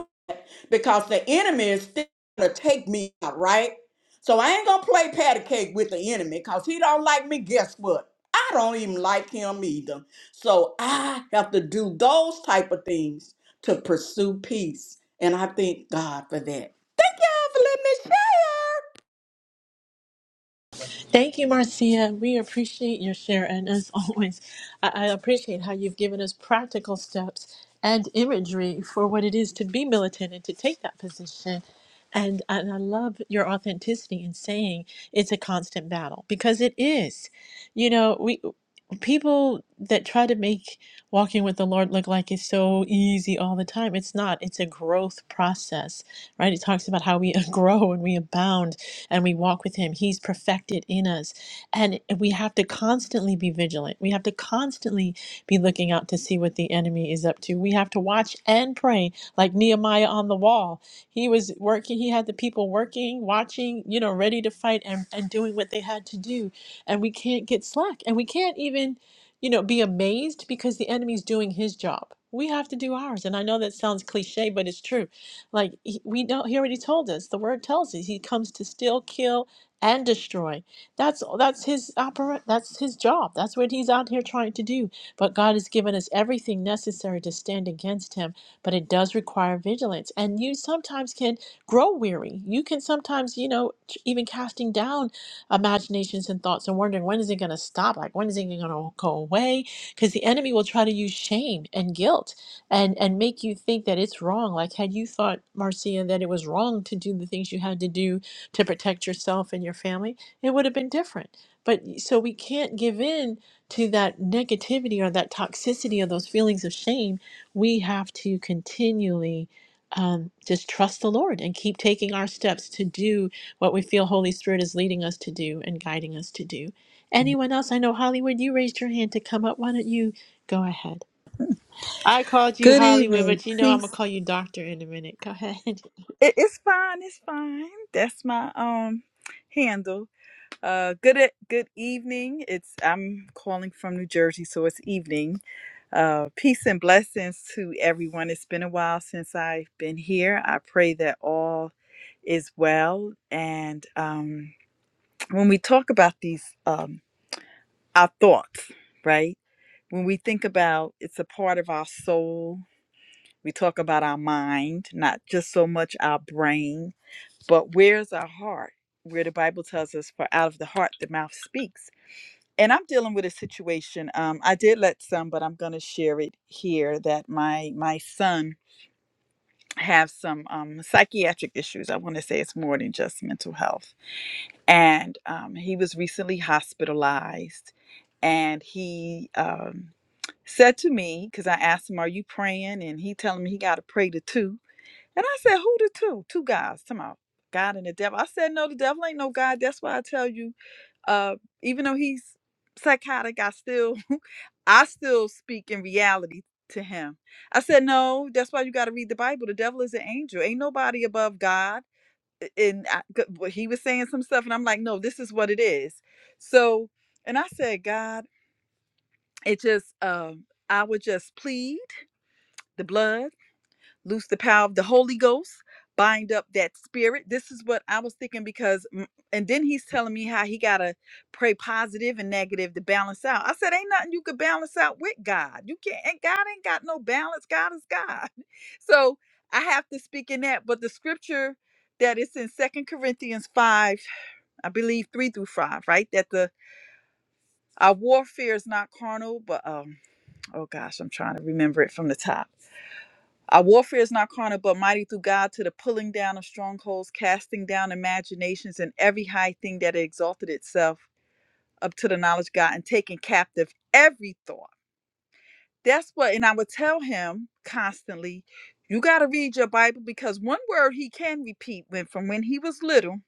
Speaker 6: because the enemy is still gonna take me out, right? So I ain't gonna play patty cake with the enemy because he don't like me. Guess what? I don't even like him either. So I have to do those type of things to pursue peace. And I thank God for that. Thank y'all for letting me
Speaker 1: Thank you, Marcia. We appreciate your share. And as <laughs> always, I, I appreciate how you've given us practical steps and imagery for what it is to be militant and to take that position. And, and I love your authenticity in saying it's a constant battle because it is. You know, we people that try to make walking with the Lord look like it's so easy all the time, it's not. It's a growth process, right? It talks about how we <laughs> grow and we abound and we walk with Him, He's perfected in us. And we have to constantly be vigilant. We have to constantly be looking out to see what the enemy is up to. We have to watch and pray, like Nehemiah on the wall. He was working, he had the people working, watching, you know, ready to fight and, and doing what they had to do. And we can't get slack. And we can't even, you know, be amazed because the enemy's doing his job. We have to do ours. And I know that sounds cliche, but it's true like he- we know, he already told us. The word tells us he comes to steal, kill, and destroy. That's that's his opera. That's his job. That's what he's out here trying to do. But God has given us everything necessary to stand against him. But it does require vigilance, and you sometimes can grow weary. You can sometimes, you know, t- even casting down imaginations and thoughts and wondering when is it going to stop? Like when is it going to go away? Because the enemy will try to use shame and guilt and and make you think that it's wrong like had you thought marcia that it was wrong to do the things you had to do to protect yourself and your family it would have been different but so we can't give in to that negativity or that toxicity or those feelings of shame we have to continually um, just trust the lord and keep taking our steps to do what we feel holy spirit is leading us to do and guiding us to do anyone else i know hollywood you raised your hand to come up why don't you go ahead I called you
Speaker 7: Good
Speaker 1: Hollywood,
Speaker 7: evening.
Speaker 1: but you know I'm gonna
Speaker 7: Peace.
Speaker 1: call you Doctor in a minute. Go ahead. <laughs>
Speaker 7: It, it's fine. It's fine. That's my um handle. Uh, good e- good evening. It's I'm calling from New Jersey, so it's evening. Uh, peace and blessings to everyone. It's been a while since I've been here. I pray that all is well. And um, when we talk about these, um, our thoughts, right? When we think about, it's a part of our soul. We talk about our mind, not just so much our brain But where's our heart? Where the Bible tells us, for out of the heart, the mouth speaks. And I'm dealing with a situation. Um, I did let some, but I'm going to share it here that my my son have some um, psychiatric issues. I want to say it's more than just mental health. And um, he was recently hospitalized. And he um, said to me, because I asked him, "Are you praying?" And he telling me he got to pray to two. And I said, Who the two? Two guys. Come out. God and the devil. I said, No, the devil ain't no God. That's why I tell you, uh, even though he's psychotic, I still <laughs> I still speak in reality to him. I said, No, that's why you gotta read the Bible. The devil is an angel. Ain't nobody above God. And I, g- well, he was saying some stuff, and I'm like, no, this is what it is. So, and I said, God, it just, um, I would just plead the blood loose the power of the Holy Ghost, bind up that spirit. This is what I was thinking because, mm, and then he's telling me how he got to pray positive and negative to balance out. I said, Ain't nothing you could balance out with God. You can't, and God ain't got no balance. God is God. <laughs> So I have to speak in that. But the scripture that is in Second Corinthians 5, I believe 3 through 5, right? That the our warfare is not carnal, but um, oh gosh, I'm trying to remember it from the top our warfare is not carnal, but mighty through God to the pulling down of strongholds, casting down imaginations and every high thing that exalted itself up to the knowledge of God, and taking captive every thought. That's what, and I would tell him constantly, you got to read your Bible because one word he can repeat when from when he was little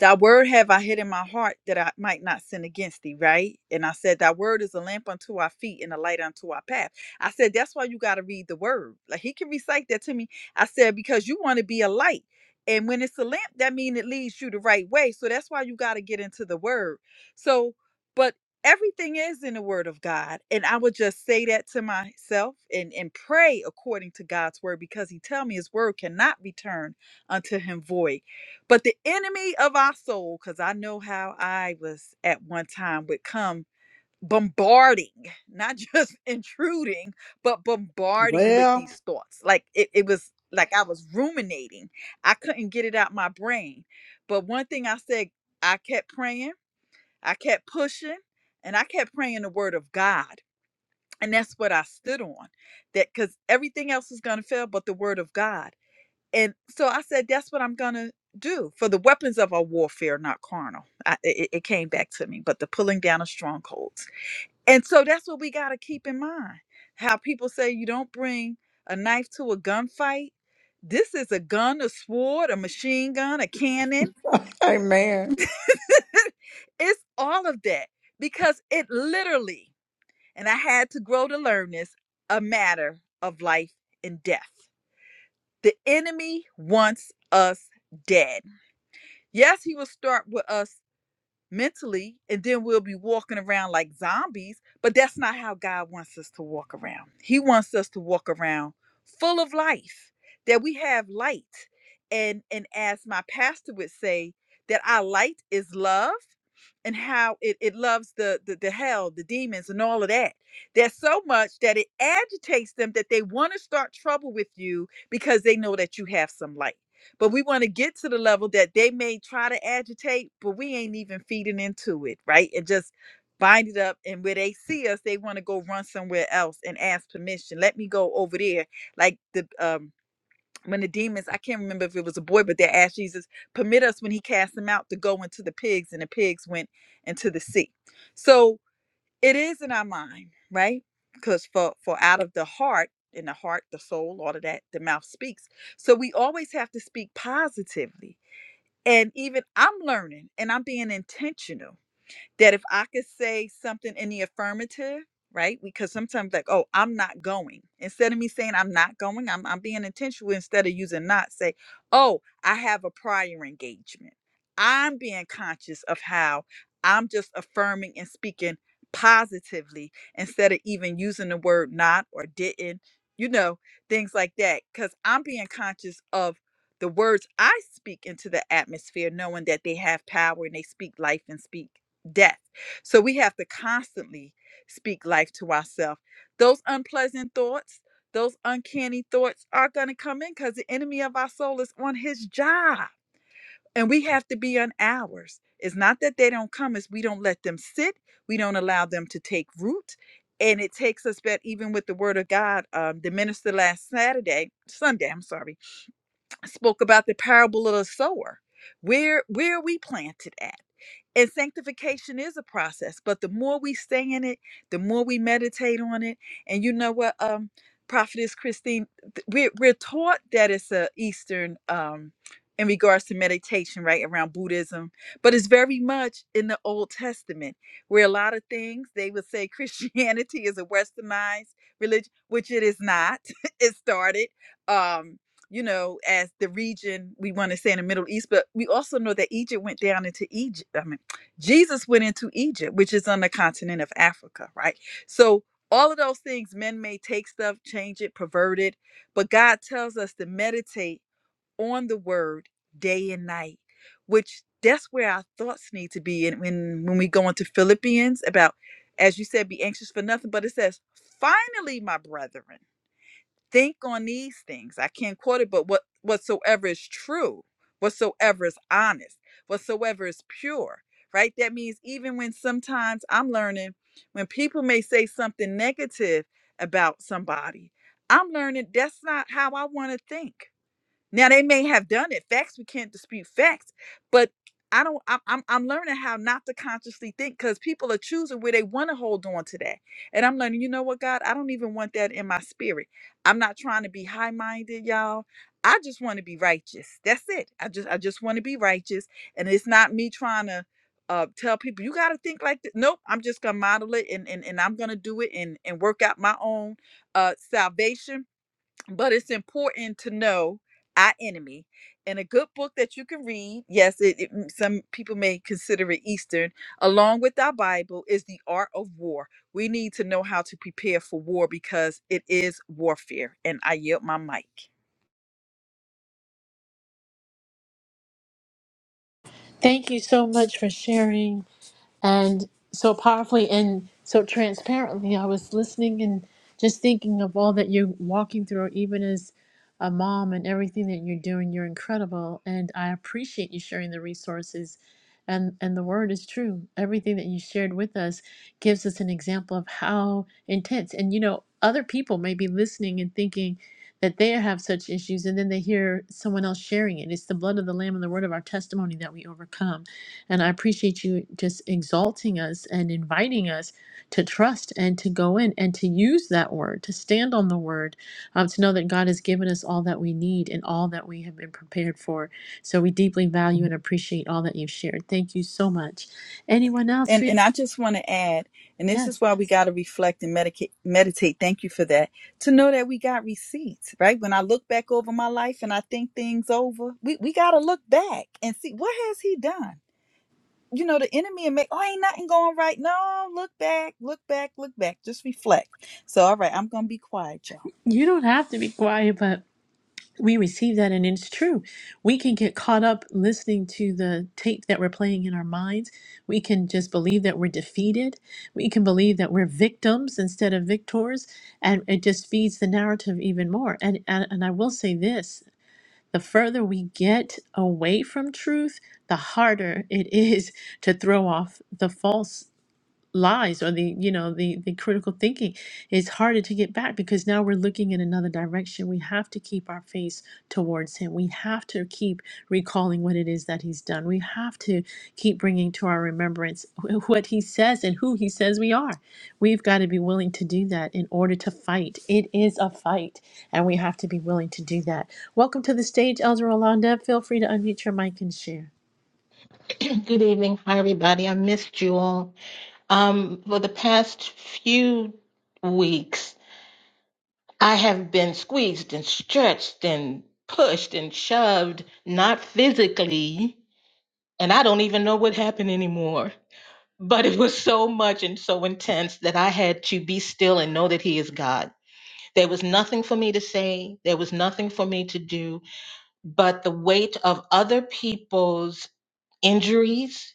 Speaker 7: Thy word have I hid in my heart that I might not sin against thee, right? And I said, Thy word is a lamp unto our feet and a light unto our path. I said, That's why you got to read the word. Like he can recite that to me. I said, Because you want to be a light. And when it's a lamp, that means it leads you the right way. So that's why you got to get into the word. So, but everything is in the word of God. And I would just say that to myself and, and pray according to God's word because he tell me his word cannot return unto him void but the enemy of our soul, because I know how I was at one time, would come bombarding, not just <laughs> intruding, but bombarding with
Speaker 6: share. Well,
Speaker 7: these thoughts. Like it, it was like I was ruminating. I couldn't get it out my brain. But one thing I said, I kept praying, I kept pushing, and I kept praying the word of God. And that's what I stood on. That because everything else is gonna fail but the word of God. And so I said, that's what I'm going to do for the weapons of our warfare, not carnal. I, it, it came back to me, but the pulling down of strongholds. And so that's what we got to keep in mind. How people say you don't bring a knife to a gunfight. This is a gun, a sword, a machine gun, a cannon.
Speaker 6: Amen.
Speaker 7: <laughs> it's all of that because it literally, and I had to grow to learn this, a matter of life and death. The enemy wants us dead. Yes, he will start with us mentally, and then we'll be walking around like zombies, but that's not how God wants us to walk around. He wants us to walk around full of life, that we have light. And and as my pastor would say, that our light is love and how it, it loves the, the the hell, the demons and all of that. There's so much that it agitates them that they want to start trouble with you because they know that you have some light but we want to get to the level that they may try to agitate, but we ain't even feeding into it, right? And just bind it up. And where they see us, they want to go run somewhere else and ask permission. Let me go over there. Like the um when the demons, I can't remember if it was a boy, but they asked Jesus, permit us when he cast them out to go into the pigs, and the pigs went into the sea. So it is in our mind right because for for out of the heart in the heart the soul all of that the mouth speaks so we always have to speak positively and even i'm learning and i'm being intentional that if I could say something in the affirmative, right? Because sometimes like, oh, I'm not going. Instead of me saying I'm not going, I'm I'm being intentional instead of using not, say, oh, I have a prior engagement. I'm being conscious of how I'm just affirming and speaking positively instead of even using the word not or didn't, you know, things like that. Cause I'm being conscious of the words I speak into the atmosphere, knowing that they have power and they speak life and speak death. So we have to constantly speak life to ourselves. Those unpleasant thoughts, those uncanny thoughts are going to come in because the enemy of our soul is on his job and we have to be on ours. It's not that they don't come, it's we don't let them sit, we don't allow them to take root. And it takes us back, even with the word of God. Um, the minister last Saturday, Sunday, I'm sorry, spoke about the parable of the sower. Where where are we planted at? And sanctification is a process, but the more we stay in it, the more we meditate on it. And you know what, um, Prophetess Christine, th- we're we're taught that it's a Eastern um in regards to meditation, right, around Buddhism, but it's very much in the Old Testament, where a lot of things they would say <laughs> Christianity is a westernized religion, which it is not. <laughs> it started um you know, as the region we want to say in the Middle East, but we also know that Egypt went down into Egypt. I mean, Jesus went into Egypt, which is on the continent of Africa, right? So all of those things, men may take stuff, change it, pervert it, but God tells us to meditate on the word day and night, which that's where our thoughts need to be. And when, when we go into Philippians about, as you said, be anxious for nothing, but it says, finally, my brethren think on these things i can't quote it but what whatsoever is true whatsoever is honest whatsoever is pure right that means even when sometimes i'm learning when people may say something negative about somebody i'm learning that's not how i want to think now they may have done it. Facts we can't dispute facts, but I don't. I'm I'm, I'm learning how not to consciously think because people are choosing where they want to hold on to that, and I'm learning. You know what, God? I don't even want that in my spirit. I'm not trying to be high minded, y'all. I just want to be righteous. That's it. I just I just want to be righteous, and it's not me trying to. Uh, tell people you got to think like this. Nope, I'm just gonna model it and, and and I'm gonna do it and and work out my own uh salvation but it's important to know our enemy and a good book that you can read yes it, it- mm, some people may consider it eastern along with our bible is the art of war we need to know how to prepare for war because it is warfare and i yield my mic
Speaker 1: Thank you so much for sharing. and so powerfully and so transparently. I was listening and just thinking of all that you're walking through, even as a mom and everything that you're doing. You're incredible, and I appreciate you sharing the resources. And and the word is true. Everything that you shared with us gives us an example of how intense. And you know, other people may be listening and thinking that they have such issues, and then they hear someone else sharing it. It's the blood of the Lamb and the word of our testimony that we overcome and I appreciate you just exalting us and inviting us to trust and to go in and to use that word, to stand on the word, um, to know that God has given us all that we need and all that we have been prepared for. So we deeply value and appreciate all that you've shared. Thank you so much. Anyone else? For,
Speaker 7: and and i just want to add and this is
Speaker 1: yes,
Speaker 7: why we got to reflect and medicate, meditate thank you for that to know that we got receipts right when i look back over my life and i think things over we, we got to look back and see what has he done you know, the enemy and make, oh, ain't nothing going right. No, look back, look back, look back. Just reflect. So, all right, I'm going to be quiet, y'all.
Speaker 1: you don't have to be quiet, but. we receive that and it's true we can get caught up listening to the tape that we're playing in our minds we can just believe that we're defeated we can believe that we're victims instead of victors and it just feeds the narrative even more and and, and i will say this the further we get away from truth the harder it is to throw off the false lies or the you know the the critical thinking it's harder to get back because now we're looking in another direction we have to keep our face towards him we have to keep recalling what it is that he's done we have to keep bringing to our remembrance <laughs> wh- what he says and who he says we are we've got to be willing to do that in order to fight it is a fight and we have to be willing to do that welcome to the stage elder rolanda feel free to unmute your mic and share
Speaker 8: <clears throat> Good evening. Hi, everybody. I missed you all. Um, for the past few weeks, I have been squeezed and stretched and pushed and shoved, not physically, and I don't even know what happened anymore. But it was so much and so intense that I had to be still and know that He is God. There was nothing for me to say, there was nothing for me to do, but the weight of other people's injuries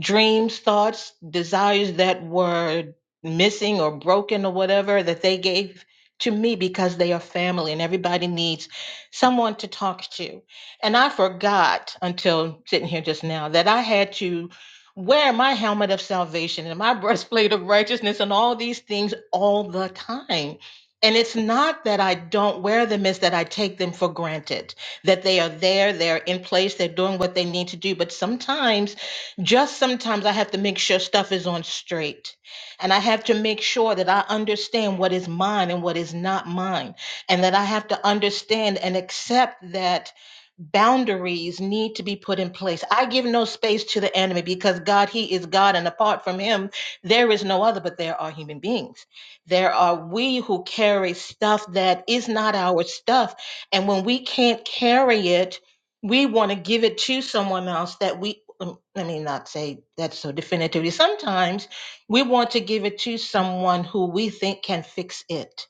Speaker 8: dreams, thoughts, desires that were missing or broken or whatever that they gave to me because they are family and everybody needs someone to talk to. And I forgot until sitting here just now that I had to wear my helmet of salvation and my <laughs> breastplate of righteousness and all these things all the time. And it's not that I don't wear them, it's that I take them for granted, that they are there, they're in place, they're doing what they need to do. But sometimes just sometimes I have to make sure stuff is on straight. And I have to make sure that I understand what is mine and what is not mine. And that I have to understand and accept that boundaries need to be put in place. I give no space to the enemy because God, He is God. And apart from Him, there is no other, but there are human beings. There are we who carry stuff that is not our stuff. And when we can't carry it, we want to give it to someone else that we lem- let me not say that so definitively. Sometimes we want to give it to someone who we think can fix it.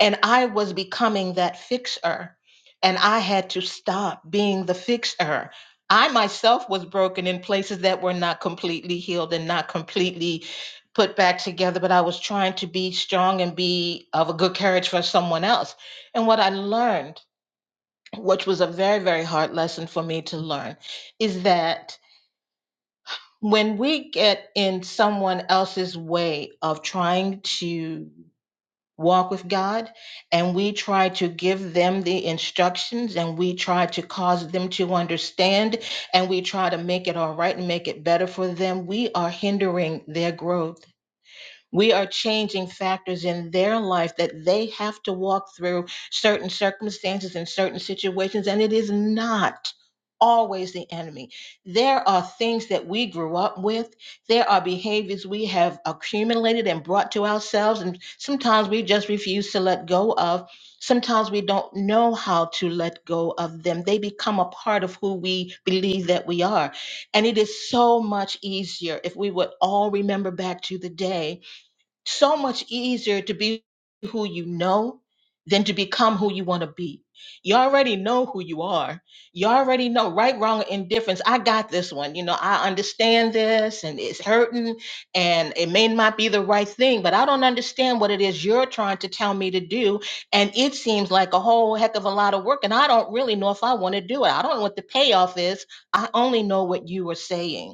Speaker 8: And I was becoming that fixer, and I had to stop being the fixer. I myself was broken in places that were not completely healed and not completely put back together, but I was trying to be strong and be of a good courage for someone else. And what I learned, which was a very, very hard lesson for me to learn, is that when we get in someone else's way of trying to walk with God and we try to give them the instructions and we try to cause them to understand and we try to make it all right and make it better for them, we are hindering their growth we are changing factors in their life that they have to walk through certain circumstances and certain situations, and it is not always the enemy. There are things that we grew up with, there are behaviors we have accumulated and brought to ourselves, and sometimes we just refuse to let go of. Sometimes we don't know how to let go of them. They become a part of who we believe that we are. And it is so much easier if we would all remember back to the day so much easier to be who you know than to become who you want to be. You already know who you are. You already know right, wrong, or indifference. I got this one. You know, I understand this and it's hurting and it may not be the right thing, but I don't understand what it is you're trying to tell me to do. And it seems like a whole heck of a lot of work. And I don't really know if I want to do it. I don't know what the payoff is. I only know what you are saying.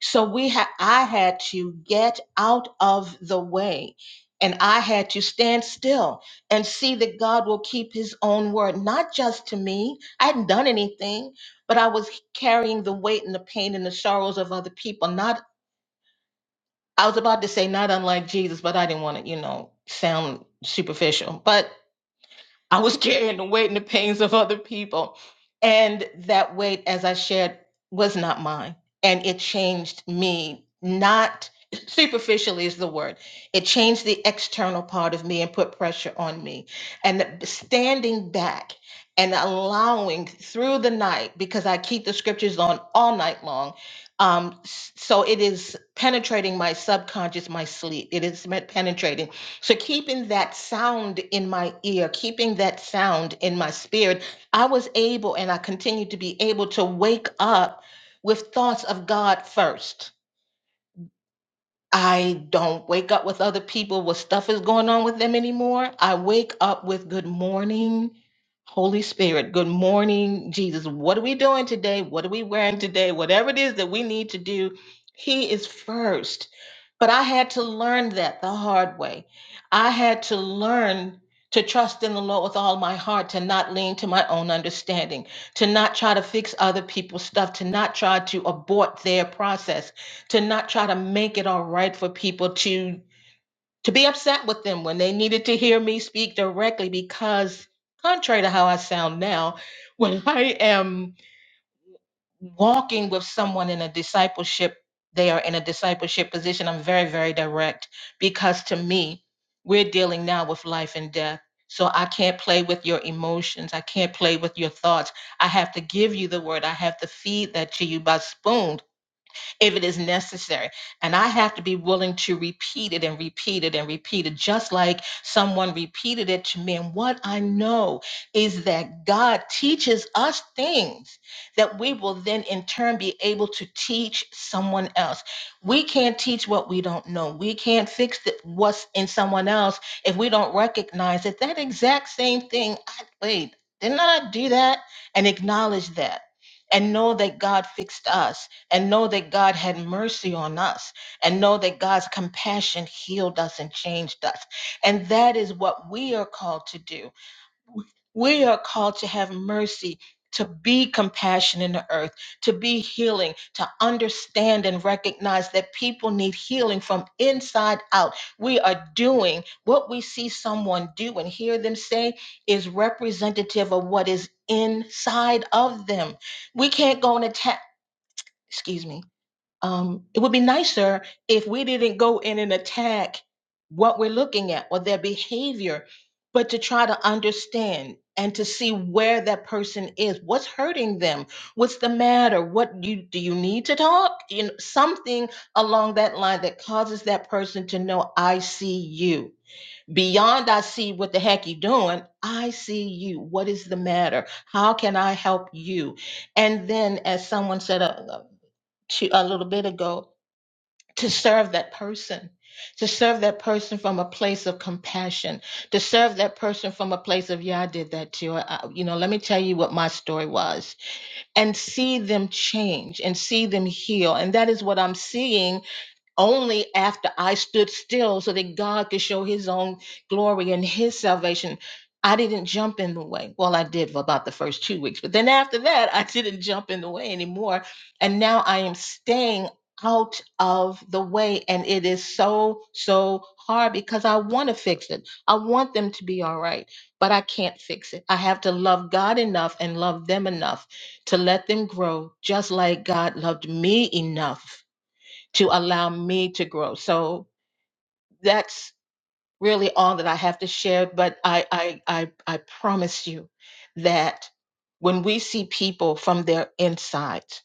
Speaker 8: So we ha- I had to get out of the way and I had to stand still and see that God will keep his own word, not just to me. I hadn't done anything, but I was carrying the weight and the pain and the sorrows of other people. Not I was about to say not unlike Jesus, but I didn't want to, you know, sound superficial. But I was carrying the weight and the pains of other people. And that weight, as I shared, was not mine. And it changed me, not superficially is the word. It changed the external part of me and put pressure on me. And standing back and allowing through the night, because I keep the scriptures on all night long. Um, s- so it is penetrating my subconscious, my sleep. It is me- penetrating. So, keeping that sound in my ear, keeping that sound in my spirit, I was able and I continue to be able to wake up with thoughts of God first I don't wake up with other people what stuff is going on with them anymore. I wake up with good morning, Holy Spirit. Good morning, Jesus. What are we doing today? What are we wearing today? Whatever it is that we need to do, He is first. But I had to learn that the hard way. I had to learn to trust in the Lord with all my heart, to not lean to my own understanding, to not try to fix other people's stuff, to not try to abort their process to not try to make it all right for people to to be upset with them when they needed to hear me speak directly because contrary to how I sound now <laughs> when I am walking with someone in a discipleship they are in a discipleship position I'm very very direct because to me we're dealing now with life and death so I can't play with your emotions I can't play with your thoughts I have to give you the word I have to feed that to you by spoon if it is necessary. And I have to be willing to repeat it and repeat it and repeat it, just like someone repeated it to me. And what I know is that God teaches us things that we will then in turn be able to teach someone else. We can't teach what we don't know. We can't fix the, what's in someone else if we don't recognize that that exact same thing, I, wait, didn't I do that? And acknowledge that and know that God fixed us and know that God had mercy on us and know that God's compassion healed us and changed us. And that is what we are called to do. We are called to have mercy. To be compassion in the earth, to be healing, to understand and recognize that people need healing from inside out. We are doing what we see someone do and hear them say is representative of what is inside of them. We can't go and attack, excuse me, um, it would be nicer if we didn't go in and attack what we're looking at or their behavior, but to try to understand and to see where that person is, what's hurting them, what's the matter, what you do you need to talk, you know, something along that line that causes that person to know I see you. Beyond I see what the heck you doing, I see you. What is the matter? How can I help you? And then as someone said a, a a little bit ago, to serve that person, to serve that person from a place of compassion, to serve that person from a place of, yeah, I did that too. I, I- you know, let me tell you what my story was and see them change and see them heal. And that is what I'm seeing only after I stood still so that God could show his own glory and his salvation. I didn't jump in the way. Well, I did for about the first two weeks, but then after that, I didn't jump in the way anymore. And now I am staying out of the way. And it is so, so hard because I want to fix it. I want them to be all right, but I can't fix it. I have to love God enough and love them enough to let them grow just like God loved me enough to allow me to grow. So that's really all that I have to share. But I I I, I promise you that when we see people from their insides,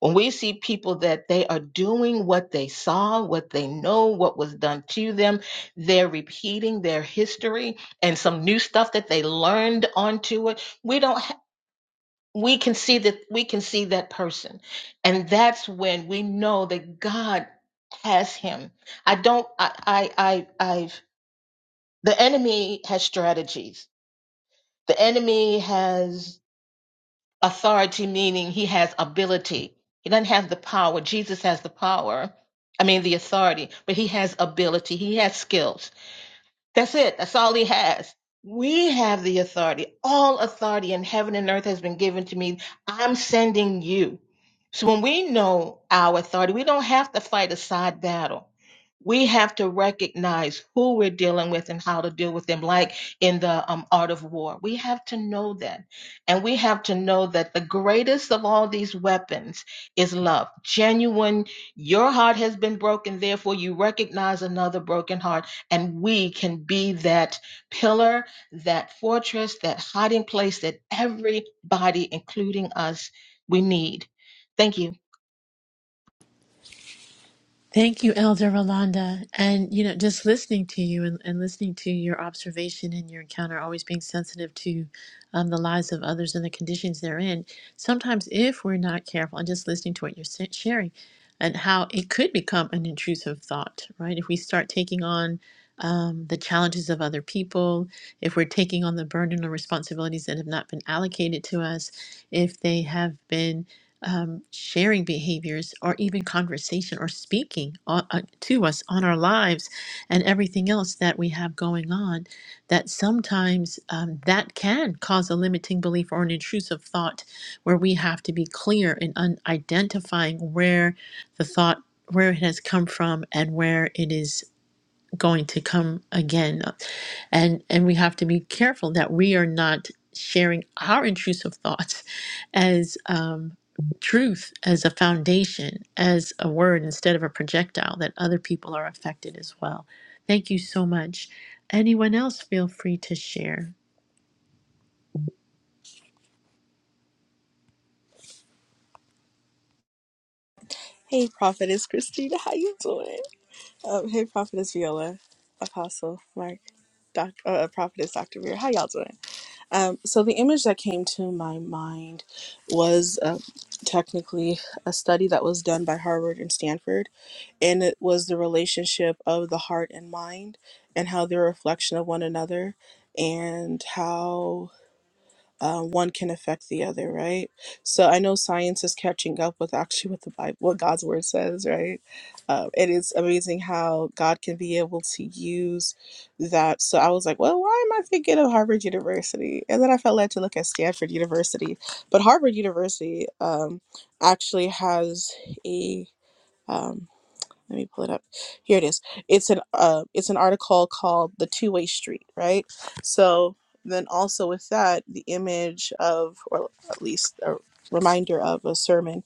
Speaker 8: when we see people that they are doing what they saw, what they know, what was done to them, they're repeating their history and some new stuff that they learned onto it. We don't we can see that we can see that person and that's when we know that god has him i don't i i, I i've the enemy has strategies the enemy has authority meaning he has ability he doesn't have the power jesus has the power i mean the authority but he has ability he has skills that's it. That's all he has. We have the authority. All authority in heaven and earth has been given to me. I'm sending you. So when we know our authority, we don't have to fight a side battle. We have to recognize who we're dealing with and how to deal with them, like in the um, art of war. We have to know that. And we have to know that the greatest of all these weapons is love. Genuine, your heart has been broken, therefore you recognize another broken heart and we can be that pillar, that fortress, that hiding place that everybody, including us, we need. Thank you.
Speaker 1: Thank you, Elder Rolanda. And, you know, just listening to you and, and listening to your observation and your encounter, always being sensitive to um, the lives of others and the conditions they're in. Sometimes, if we're not careful and just listening to what you're sa- sharing and how it could become an intrusive thought, right? If we start taking on um, the challenges of other people, if we're taking on the burden or responsibilities that have not been allocated to us, if they have been um, sharing behaviors or even conversation or speaking on, uh, to us on our lives and everything else that we have going on, that sometimes um, that can cause a limiting belief or an intrusive thought where we have to be clear in un- identifying where the thought, where it has come from and where it is going to come again and and we have to be careful that we are not sharing our intrusive thoughts as um, truth as a foundation as a word instead of a projectile that other people are affected as well thank you so much anyone else feel free to share
Speaker 9: Hey, Prophetess Christina, how you doing? Um, hey, Prophetess Viola, Apostle Mark, Doc, uh, uh, Prophetess Dr. Veer, how y'all doing? Um, so the image that came to my mind was uh, technically a study that was done by Harvard and Stanford, and it was the relationship of the heart and mind and how they're a reflection of one another and how uh, one can affect the other, right? So I know science is catching up with actually what the Bible, what God's word says, right? Uh, it is amazing how God can be able to use that. So I was like, well, why am I thinking of Harvard University? And then I felt led to look at Stanford University, but Harvard University um, actually has a um let me pull it up here it is it's an uh it's an article called the two-way street right so then also with that the image of or at least a reminder of a sermon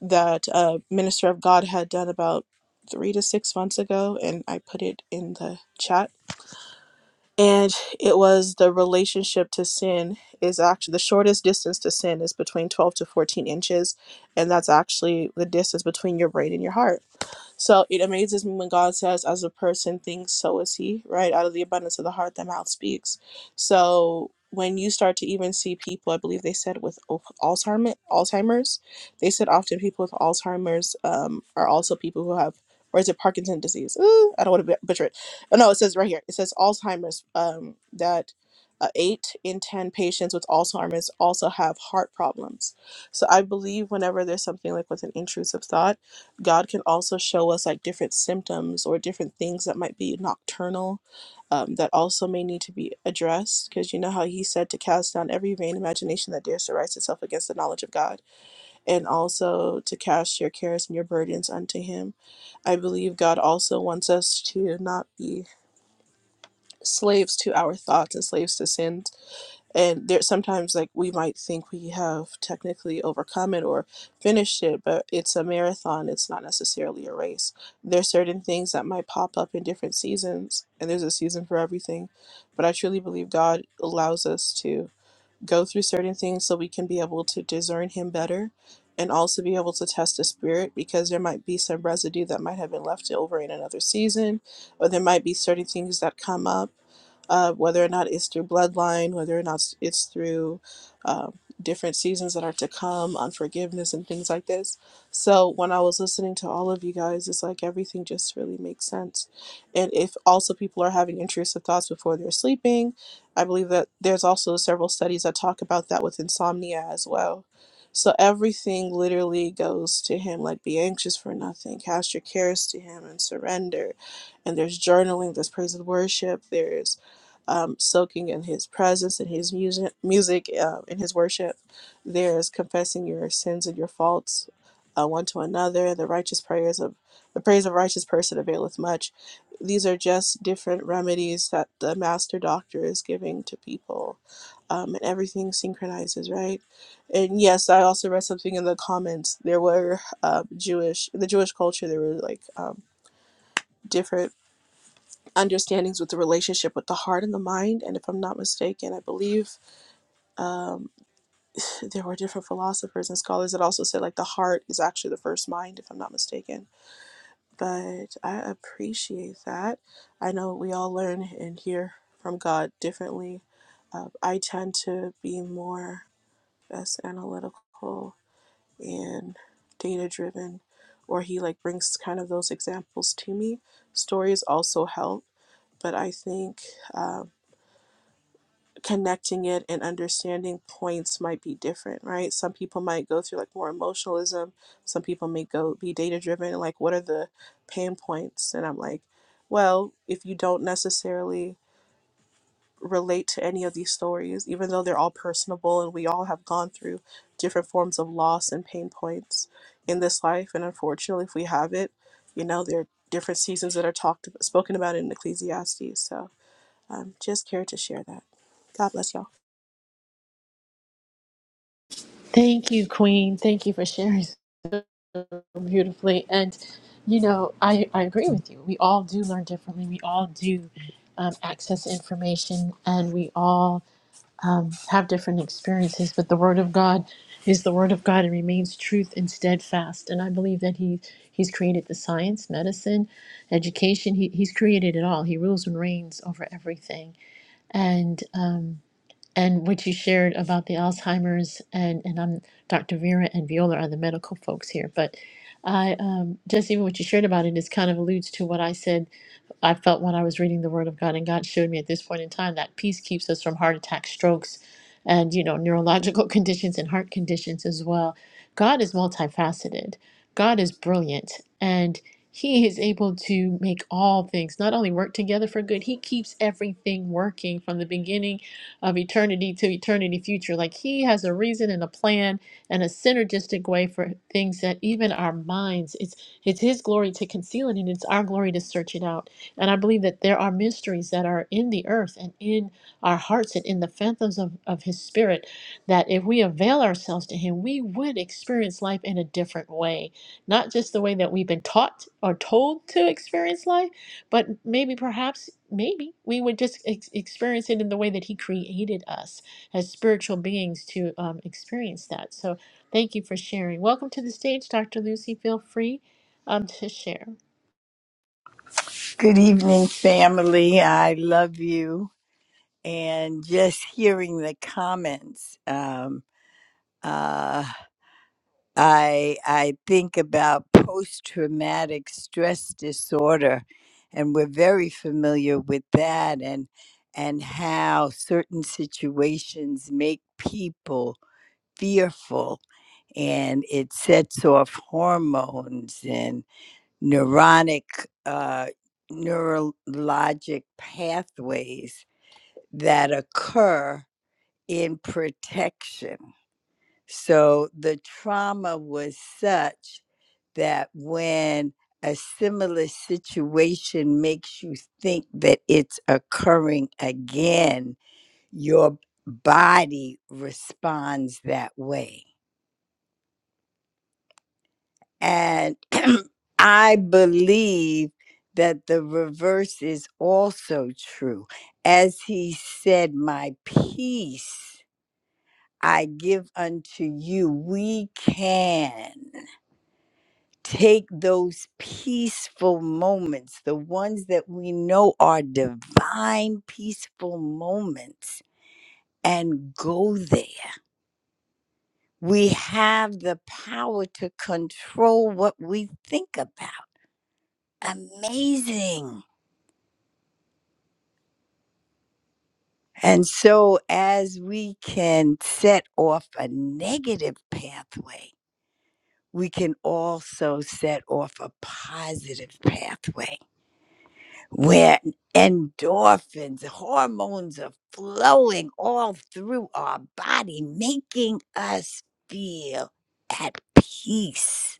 Speaker 9: that a minister of god had done about three to six months ago and i put it in the chat and it was the relationship to sin is actually the shortest distance to sin is between 12 to 14 inches and that's actually the distance between your brain and your heart so it amazes me when God says, as a person thinks, so is he, right? Out of the abundance of the heart, the mouth speaks. So when you start to even see people, I believe they said with o- Alzheimer, Alzheimer's, they said often people with Alzheimer's um, are also people who have, or is it Parkinson's disease? Ooh, I don't want to butcher it. Oh, no, it says right here, it says Alzheimer's, um, that uh, eight in 10 patients with Alzheimer's also have heart problems. So I believe whenever there's something like with an intrusive thought, God can also show us like different symptoms or different things that might be nocturnal um, that also may need to be addressed. Because you know how He said to cast down every vain imagination that dares to rise itself against the knowledge of God, and also to cast your cares and your burdens unto Him. I believe God also wants us to not be slaves to our thoughts and slaves to sin and there sometimes like we might think we have technically overcome it or finished it but it's a marathon it's not necessarily a race there's certain things that might pop up in different seasons and there's a season for everything but i truly believe god allows us to go through certain things so we can be able to discern him better and also be able to test the spirit because there might be some residue that might have been left over in another season or there might be certain things that come up uh, whether or not it's through bloodline whether or not it's through uh, different seasons that are to come unforgiveness and things like this so when i was listening to all of you guys it's like everything just really makes sense and if also people are having intrusive thoughts before they're sleeping I believe that there's also several studies that talk about that with insomnia as well. So everything literally goes to him, like be anxious for nothing, cast your cares to him and surrender. And there's journaling, there's praise and worship, there's um, soaking in his presence and his music, music uh, in his worship. There's confessing your sins and your faults uh, one to another. The righteous prayers of the praise of a righteous person availeth much these are just different remedies that the master doctor is giving to people um, and everything synchronizes right and yes i also read something in the comments there were uh, jewish in the jewish culture there were like um, different understandings with the relationship with the heart and the mind and if i'm not mistaken i believe um, <laughs> there were different philosophers and scholars that also said like the heart is actually the first mind if i'm not mistaken but I appreciate that. I know we all learn and hear from God differently. Uh, I tend to be more as analytical and data driven, or He like brings kind of those examples to me. Stories also help, but I think. um, connecting it and understanding points might be different, right? Some people might go through like more emotionalism. Some people may go be data driven. Like, what are the pain points? And I'm like, well, if you don't necessarily relate to any of these stories, even though they're all personable and we all have gone through different forms of loss and pain points in this life, and unfortunately, if we have it, you know, there are different seasons that are talked spoken about in Ecclesiastes. So, um, just care to share that. God bless y'all.
Speaker 1: thank you queen thank you for sharing so beautifully and you know i, I agree with you we all do learn differently we all do um, access information and we all um, have different experiences, but the Word of God is the Word of God and remains truth and steadfast. And I believe that He He's created the science, medicine, education. He, he's created it all. He rules and reigns over everything. And um, and what you shared about the Alzheimer's and and I'm Dr. Vera and Viola are the medical folks here, but I um, just even what you shared about it is kind of alludes to what I said I felt when I was reading the Word of God, and God showed me at this point in time that peace keeps us from heart attacks, strokes, and you know neurological <laughs> conditions and heart conditions as well. God is multifaceted. God is brilliant, and He is able to make all things not only work together for good. He keeps everything working from the beginning of eternity to eternity future. Like He has a reason and a plan and a synergistic way for things that even our minds. It's it's His glory to conceal it, and it's our glory to search it out. And I believe that there are mysteries that are in the earth and in our hearts and in the phantoms of, of His Spirit that if we avail ourselves to Him, we would experience life in a different way. Not just the way that we've been taught or told to experience life, but maybe, perhaps, maybe we would just ex- experience it in the way that He created us as spiritual beings to um, experience that. So thank you for sharing. Welcome to the stage, Dr. Lucy. Feel free um, to share.
Speaker 10: Good evening, family. I love you. And just hearing the comments, um, uh, I I think about post traumatic stress disorder, and we're very familiar with that, and and how certain situations make people fearful, and it sets off hormones neuronic, uh, neurologic pathways that occur in protection. So the trauma was such that when a similar situation makes you think that it's occurring again, your body responds that way. And <clears throat> I believe that the reverse is also true. As he said, My peace I give unto you. We can take those peaceful moments, the ones that we know are divine, peaceful moments, and go there. We have the power to control what we think about. Amazing And so, as we can set off a negative pathway, we can also set off a positive pathway where endorphins, hormones are flowing all through our body, making us feel at peace.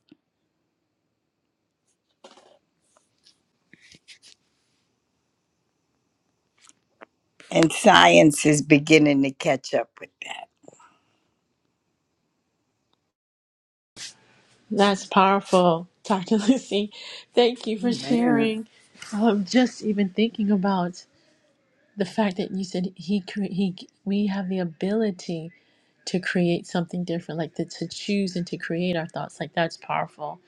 Speaker 10: And science is beginning to catch up with that.
Speaker 1: That's powerful, Dr. <laughs> Lucy. Thank you for
Speaker 6: man.
Speaker 1: sharing. Um, just even thinking about the fact that you said he cre- he we have the ability to create something different like to, to choose and to create our thoughts like that's powerful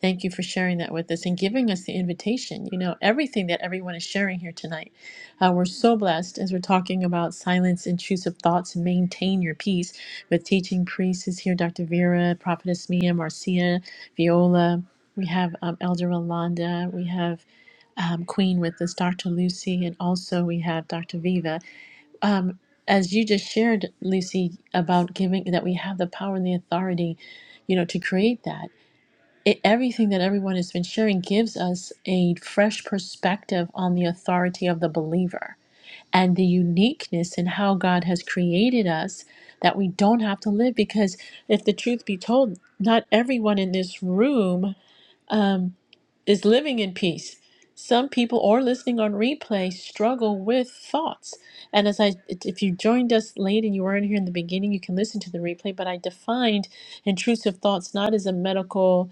Speaker 1: thank you for sharing that with us and giving us the invitation you know everything that everyone is sharing here tonight uh, we're so blessed as we're talking about silence intrusive thoughts and maintain your peace with teaching priests is here dr vera prophetess mia marcia viola we have um, elder rolanda we have um, Queen with us, Dr. Lucy, and also we have Dr. Viva. Um, as you just shared, Lucy, about giving that we have the power and the authority, you know, to create that. It, everything that everyone has been sharing gives us a fresh perspective on the authority of the believer and the uniqueness in how God has created us that we don't have to live because if the truth be told not everyone in this room um, is living in peace. Some people or listening on replay struggle with thoughts. And as I, if you joined us late and you weren't here in the beginning, you can listen to the replay. But I defined intrusive thoughts not as a medical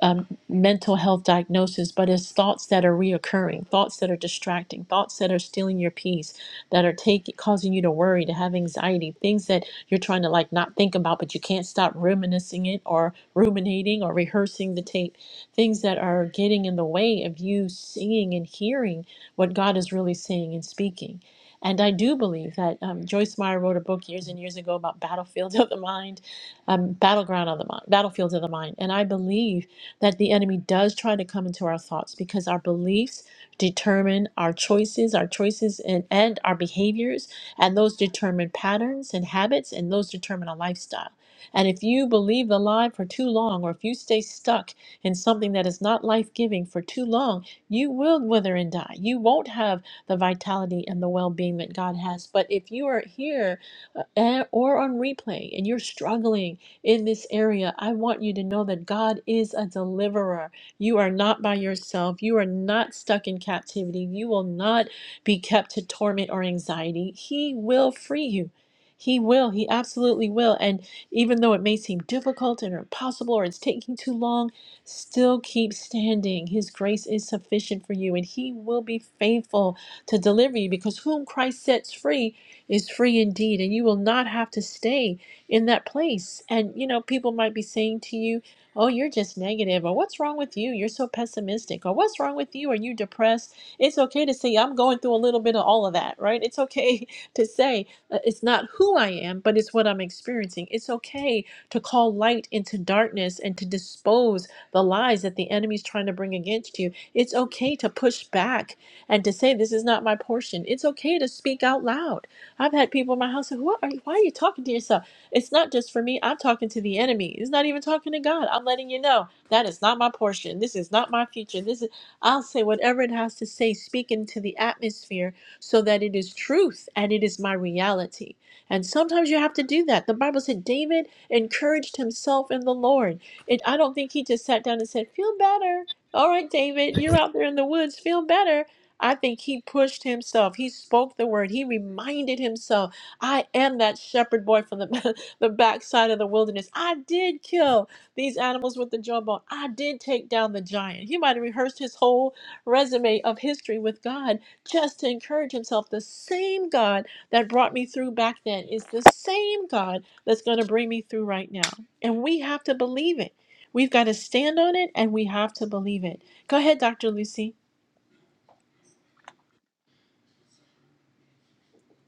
Speaker 1: um, mental health diagnosis, but it's thoughts that are reoccurring, thoughts that are distracting, thoughts that are stealing your peace, that are taking causing you to worry, to have anxiety, things that you're trying to like not think about, but you can't stop reminiscing it or ruminating or rehearsing the tape, things that are getting in the way of you seeing and hearing what God is really saying and speaking. And I do believe that um, Joyce Meyer wrote a book years and years ago about battlefields <laughs> of the mind, um, battleground of the mind, battlefields of the mind. And I believe that the enemy does try to come into our thoughts because our beliefs determine our choices, our choices and, and our behaviors, and those determine patterns and habits, and those determine a lifestyle. And if you believe the lie for too long, or if you stay stuck in something that is not life giving for too long, you will wither and die. You won't have the vitality and the well being that God has. But if you are here uh, eh, or on replay and you're struggling, in this area, I want you to know that God is a deliverer. You are not by yourself. You are not stuck in captivity. You will not be kept to torment or anxiety. He will free you. He will. He absolutely will. And even though it may seem difficult and impossible or it's taking too long, still keep standing. His grace is sufficient for you, and He will be faithful to deliver you because whom Christ sets free is free indeed. And you will not have to stay in that place. And, you know, people might be saying to you, Oh, you're just negative, or what's wrong with you? You're so pessimistic, or what's wrong with you? Are you depressed? It's okay to say, I'm going through a little bit of all of that, right? It's okay <laughs> to say, uh, it's not who I am, but it's what I'm experiencing. It's okay to call light into darkness and to dispose the lies that the enemy's trying to bring against you. It's okay to push back and to say, This is not my portion. It's okay to speak out loud. I've had people in my house say, what are you, Why are you talking to yourself? It's not just for me. I'm talking to the enemy. It's not even talking to God. I'm letting you know that is not my portion. This is not my future. This is I'll say whatever it has to say, speaking to the atmosphere so that it is truth and it is my reality. And sometimes you have to do that. The Bible said David encouraged himself in the Lord. It, I don't think he just sat down and said, Feel better. All right, David, you're out there in the woods. Feel better. I think he pushed himself. He spoke the word. He reminded himself, I am that shepherd boy from the <laughs> the backside of the wilderness. I did kill these animals with the jawbone. I did take down the giant. He might have rehearsed his whole resume of history with God just to encourage himself. The same God that brought me through back then is the same God that's going to bring me through right now. And we have to believe it. We've got to stand on it and we have to believe it. Go ahead, Dr. Lucy.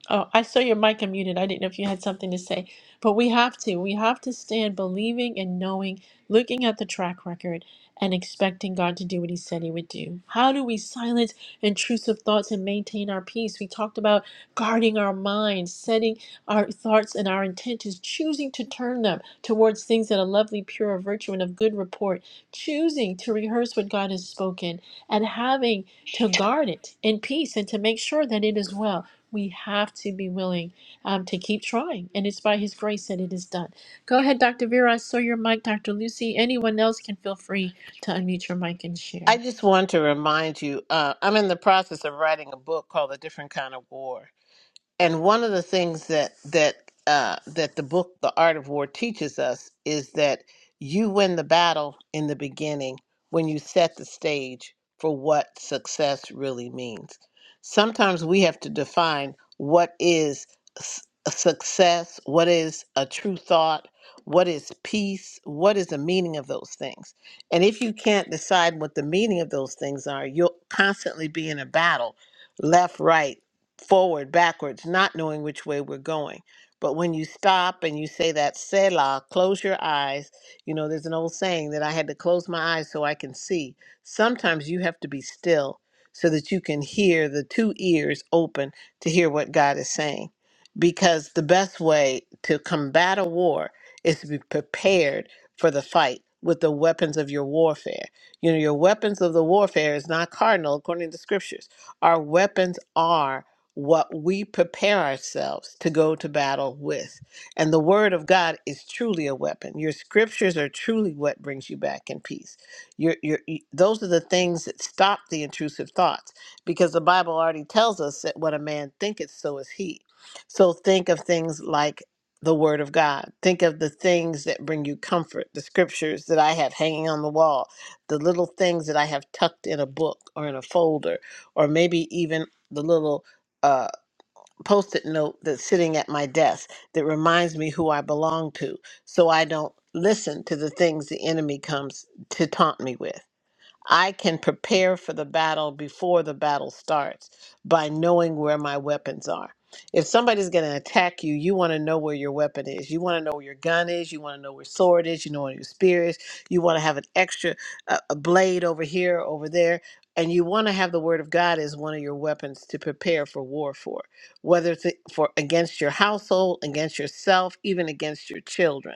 Speaker 1: Oh, I saw your mic unmuted. I didn't know if you had something to say, but we have to. We have to stand believing and knowing, looking at the track record and expecting God to do what he said he would do. How do we silence? intrusive thoughts and maintain our peace. We talked about guarding our mind, setting our thoughts and our intentions, choosing to turn them towards things that are lovely, pure, of virtue, and of good report, choosing to rehearse what God has spoken, and having to guard it in peace and to make sure that it is well. We have to be willing um, to keep trying, and it's by His grace that it is done. Go ahead, Dr. Vera. I saw your mic, Dr. Lucy. Anyone else can feel free to unmute your mic and share.
Speaker 4: I just want to remind you, uh, I'm in the process of writing a book called A Different Kind of War. and one of the things that that uh, that the book the art of war teaches us is that you win the battle in the beginning when you set the stage for what success really means sometimes we have to define what is s- a success what is a true thought what is peace what is the meaning of those things and if you can't decide what the meaning of those things are you'll constantly be in a battle left right forward, backwards, not knowing which way we're going. But when you stop and you say that Selah, close your eyes. You know, there's an old saying that I had to close my eyes so I can see. Sometimes you have to be still so that you can hear the two ears open to hear what God is saying. Because the best way to combat a war is to be prepared for the fight with the weapons of your warfare. You know, your weapons of the warfare is not cardinal according to the scriptures. Our weapons are what we prepare ourselves to go to battle with. And the word of God is truly a weapon. Your scriptures are truly what brings you back in peace. Your, your, y- those are the things that stop the intrusive thoughts because the Bible already tells us that what a man thinketh, so is he. So think of things like the word of God. Think of the things that bring you comfort, the scriptures that I have hanging on the wall, the little things that I have tucked in a book or in a folder, or maybe even the little uh, post-it note that's sitting at my desk that reminds me who I belong to, so I don't listen to the things the enemy comes to taunt me with. I can prepare for the battle before the battle starts by knowing where my weapons are. If somebody's going to attack you, you want to know where your weapon is. You want to know where your gun is. You want to know where sword is. You know where your spear is. You want to have an extra uh, a blade over here, over there, and you want to have the word of God as one of your weapons to prepare for war for, whether it's for against your household, against yourself, even against your children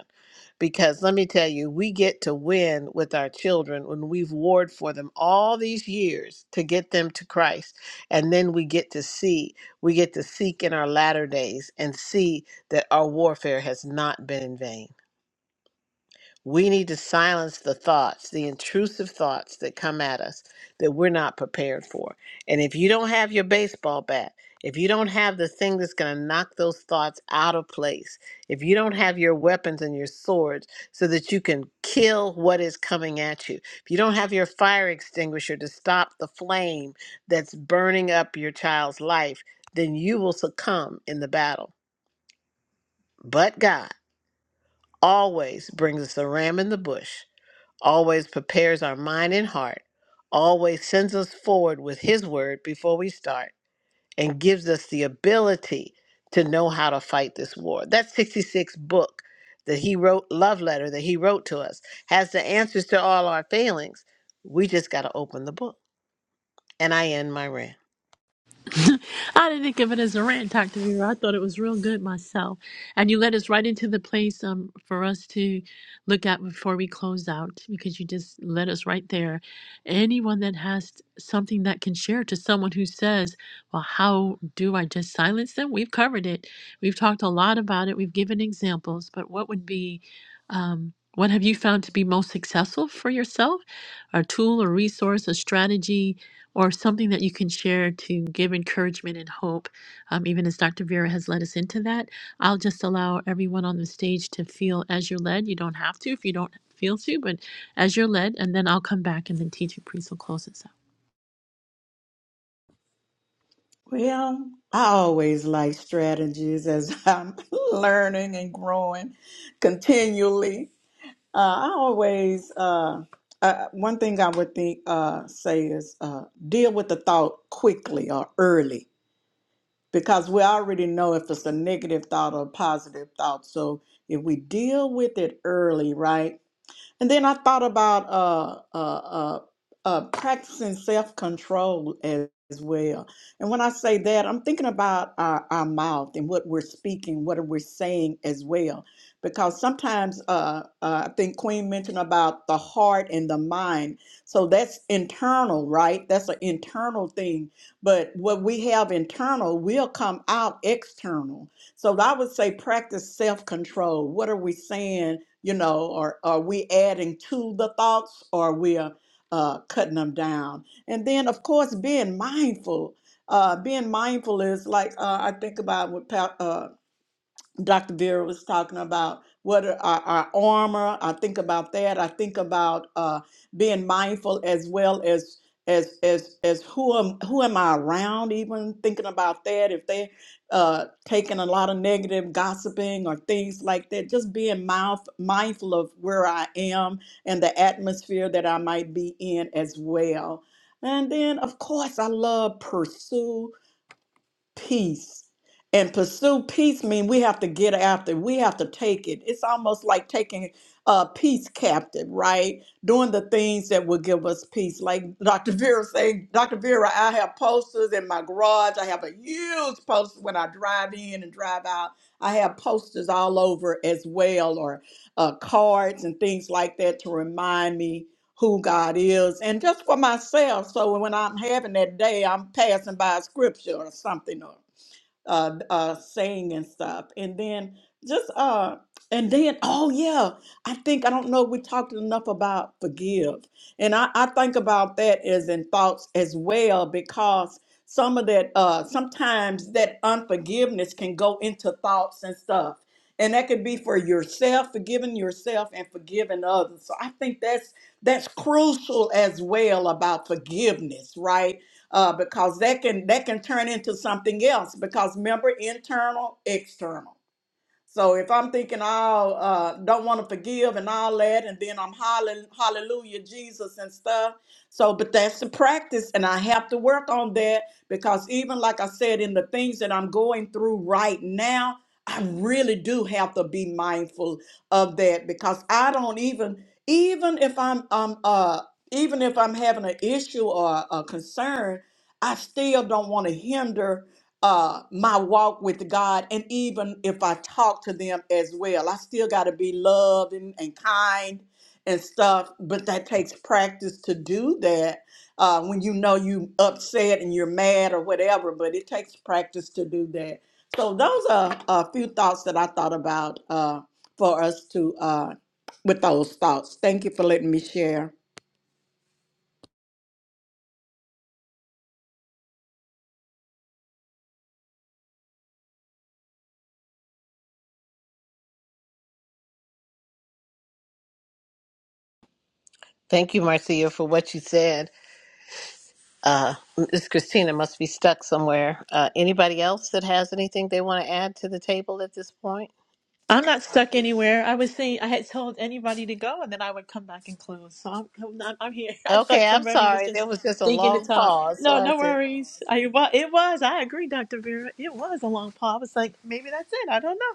Speaker 4: because let me tell you, we get to win with our children when we've warred for them all these years to get them to Christ. And then we get to see, we get to seek in our latter days and see that our warfare has not been in vain. We need to silence the thoughts, the intrusive thoughts that come at us that we're not prepared for. And if you don't have your baseball bat, if you don't have the thing that's going to knock those thoughts out of place, if you don't have your weapons and your swords so that you can kill what is coming at you, if you don't have your fire extinguisher to stop the flame that's burning up your child's life, then you will succumb in the battle. But God always brings us a ram in the bush always prepares our mind and heart, always sends us forward with His word before we start, and gives us the ability to know how to fight this war. That 66 book that He wrote, love letter that He wrote to us, has the answers to all our failings. We just got to open the book. And I end my rant.
Speaker 1: <laughs> I didn't think of it as a rant, Dr. Vera. I thought it was real good myself. And you led us right into the place um, for us to look at before we close out because you just led us right there. Anyone that has something that can share to someone who says, Well, how do I just silence them? We've covered it. We've talked a lot about it. We've given examples. But what would be, um, what have you found to be most successful for yourself? A tool, a resource, a strategy? or something that you can share to give encouragement and hope, um, even as Dr. Vera has led us into that. I'll just allow everyone on the stage to feel as you're led. You don't have to if you don't feel to, but as you're led, and then I'll come back and then teaching priest will close us out.
Speaker 6: Well, I always like strategies as <laughs> I'm learning and growing continually. Uh, I always uh, uh, one thing I would think uh, say is uh, deal with the thought quickly or early because we already know if it's a negative thought or a positive thought. So if we deal with it early, right? And then I thought about uh, uh, uh, uh, practicing self control as, as well. And when I say that, I'm thinking about our, our mouth and what we're speaking, what we're saying as well. Because sometimes uh, uh, I think Queen mentioned about the heart and the mind. So that's internal, right? That's an internal thing. But what we have internal will come out external. So I would say practice self control. What are we saying? you know or are we adding to the thoughts or we are uh, cutting them down and then of course being mindful uh, being mindful is like uh, i think about what Pat, Dr. Vera was talking about what are our, our armor. I think about that. I think about uh, being mindful as well as as as as who am who am I around? Even thinking about that, if they're uh, taking a lot of negative gossiping or things like that, just being mouth, mindful of where I am and the atmosphere that I might be in as well. And then, of course, I love pursue peace. And pursue peace mean we have to get after. it. We have to take it. It's almost like taking uh, peace captive, right? Doing the things that will give us peace. Like Dr. Vera say. Dr. Vera, I have posters in my garage. I have a huge poster when I drive in and drive out. I have posters all over as well, or uh, cards and things like that to remind me who God is, and just for myself. So when I'm having that day, I'm passing by a scripture or something, or uh, uh, saying and stuff. And then just, uh, and then, oh yeah, I think, I don't know, we talked enough about forgive. And I, I think about that as in thoughts as well, because some of that, uh, sometimes that unforgiveness can go into thoughts and stuff. And that could be for yourself, forgiving yourself and forgiving others. So I think that's that's crucial as well about forgiveness, right? uh, because that can that can turn into something else because remember internal external so if I'm thinking I'll uh, don't want to forgive and all that, and then I'm hollering hallelujah Jesus and stuff. So, but that's the practice, and I have to work on that because even like I said, in the things that I'm going through right now, I really do have to be mindful of that because I don't even even if I'm um uh even if I'm having an issue or a concern, I still don't want to hinder uh my walk with God and even if I talk to them as well. I still got to be loving and kind and stuff, but that takes practice to do that. Uh when you know you upset and you're mad or whatever, but it takes practice to do that. So those are a few thoughts that I thought about uh for us to uh with those thoughts. Thank you for letting me share.
Speaker 4: Thank you, Marcia, for what you said. Uh, Miss Christina must be stuck somewhere. Uh, anybody else that has anything they want to add to the table at this point?
Speaker 1: I'm not stuck anywhere. I was saying I had told anybody to go, and then I would come back and close. So I'm, I'm, not- I'm here. <laughs> I thought
Speaker 4: Okay, I'm
Speaker 1: somebody was
Speaker 4: sorry. There
Speaker 1: just
Speaker 4: was just a
Speaker 1: thinking to
Speaker 4: long
Speaker 1: talk.
Speaker 4: pause. So
Speaker 1: No,
Speaker 4: I
Speaker 1: no
Speaker 4: said,
Speaker 1: worries. I well, it was. I agree, Dr. Vera. It was a long pause. I was like, maybe that's it. I don't know.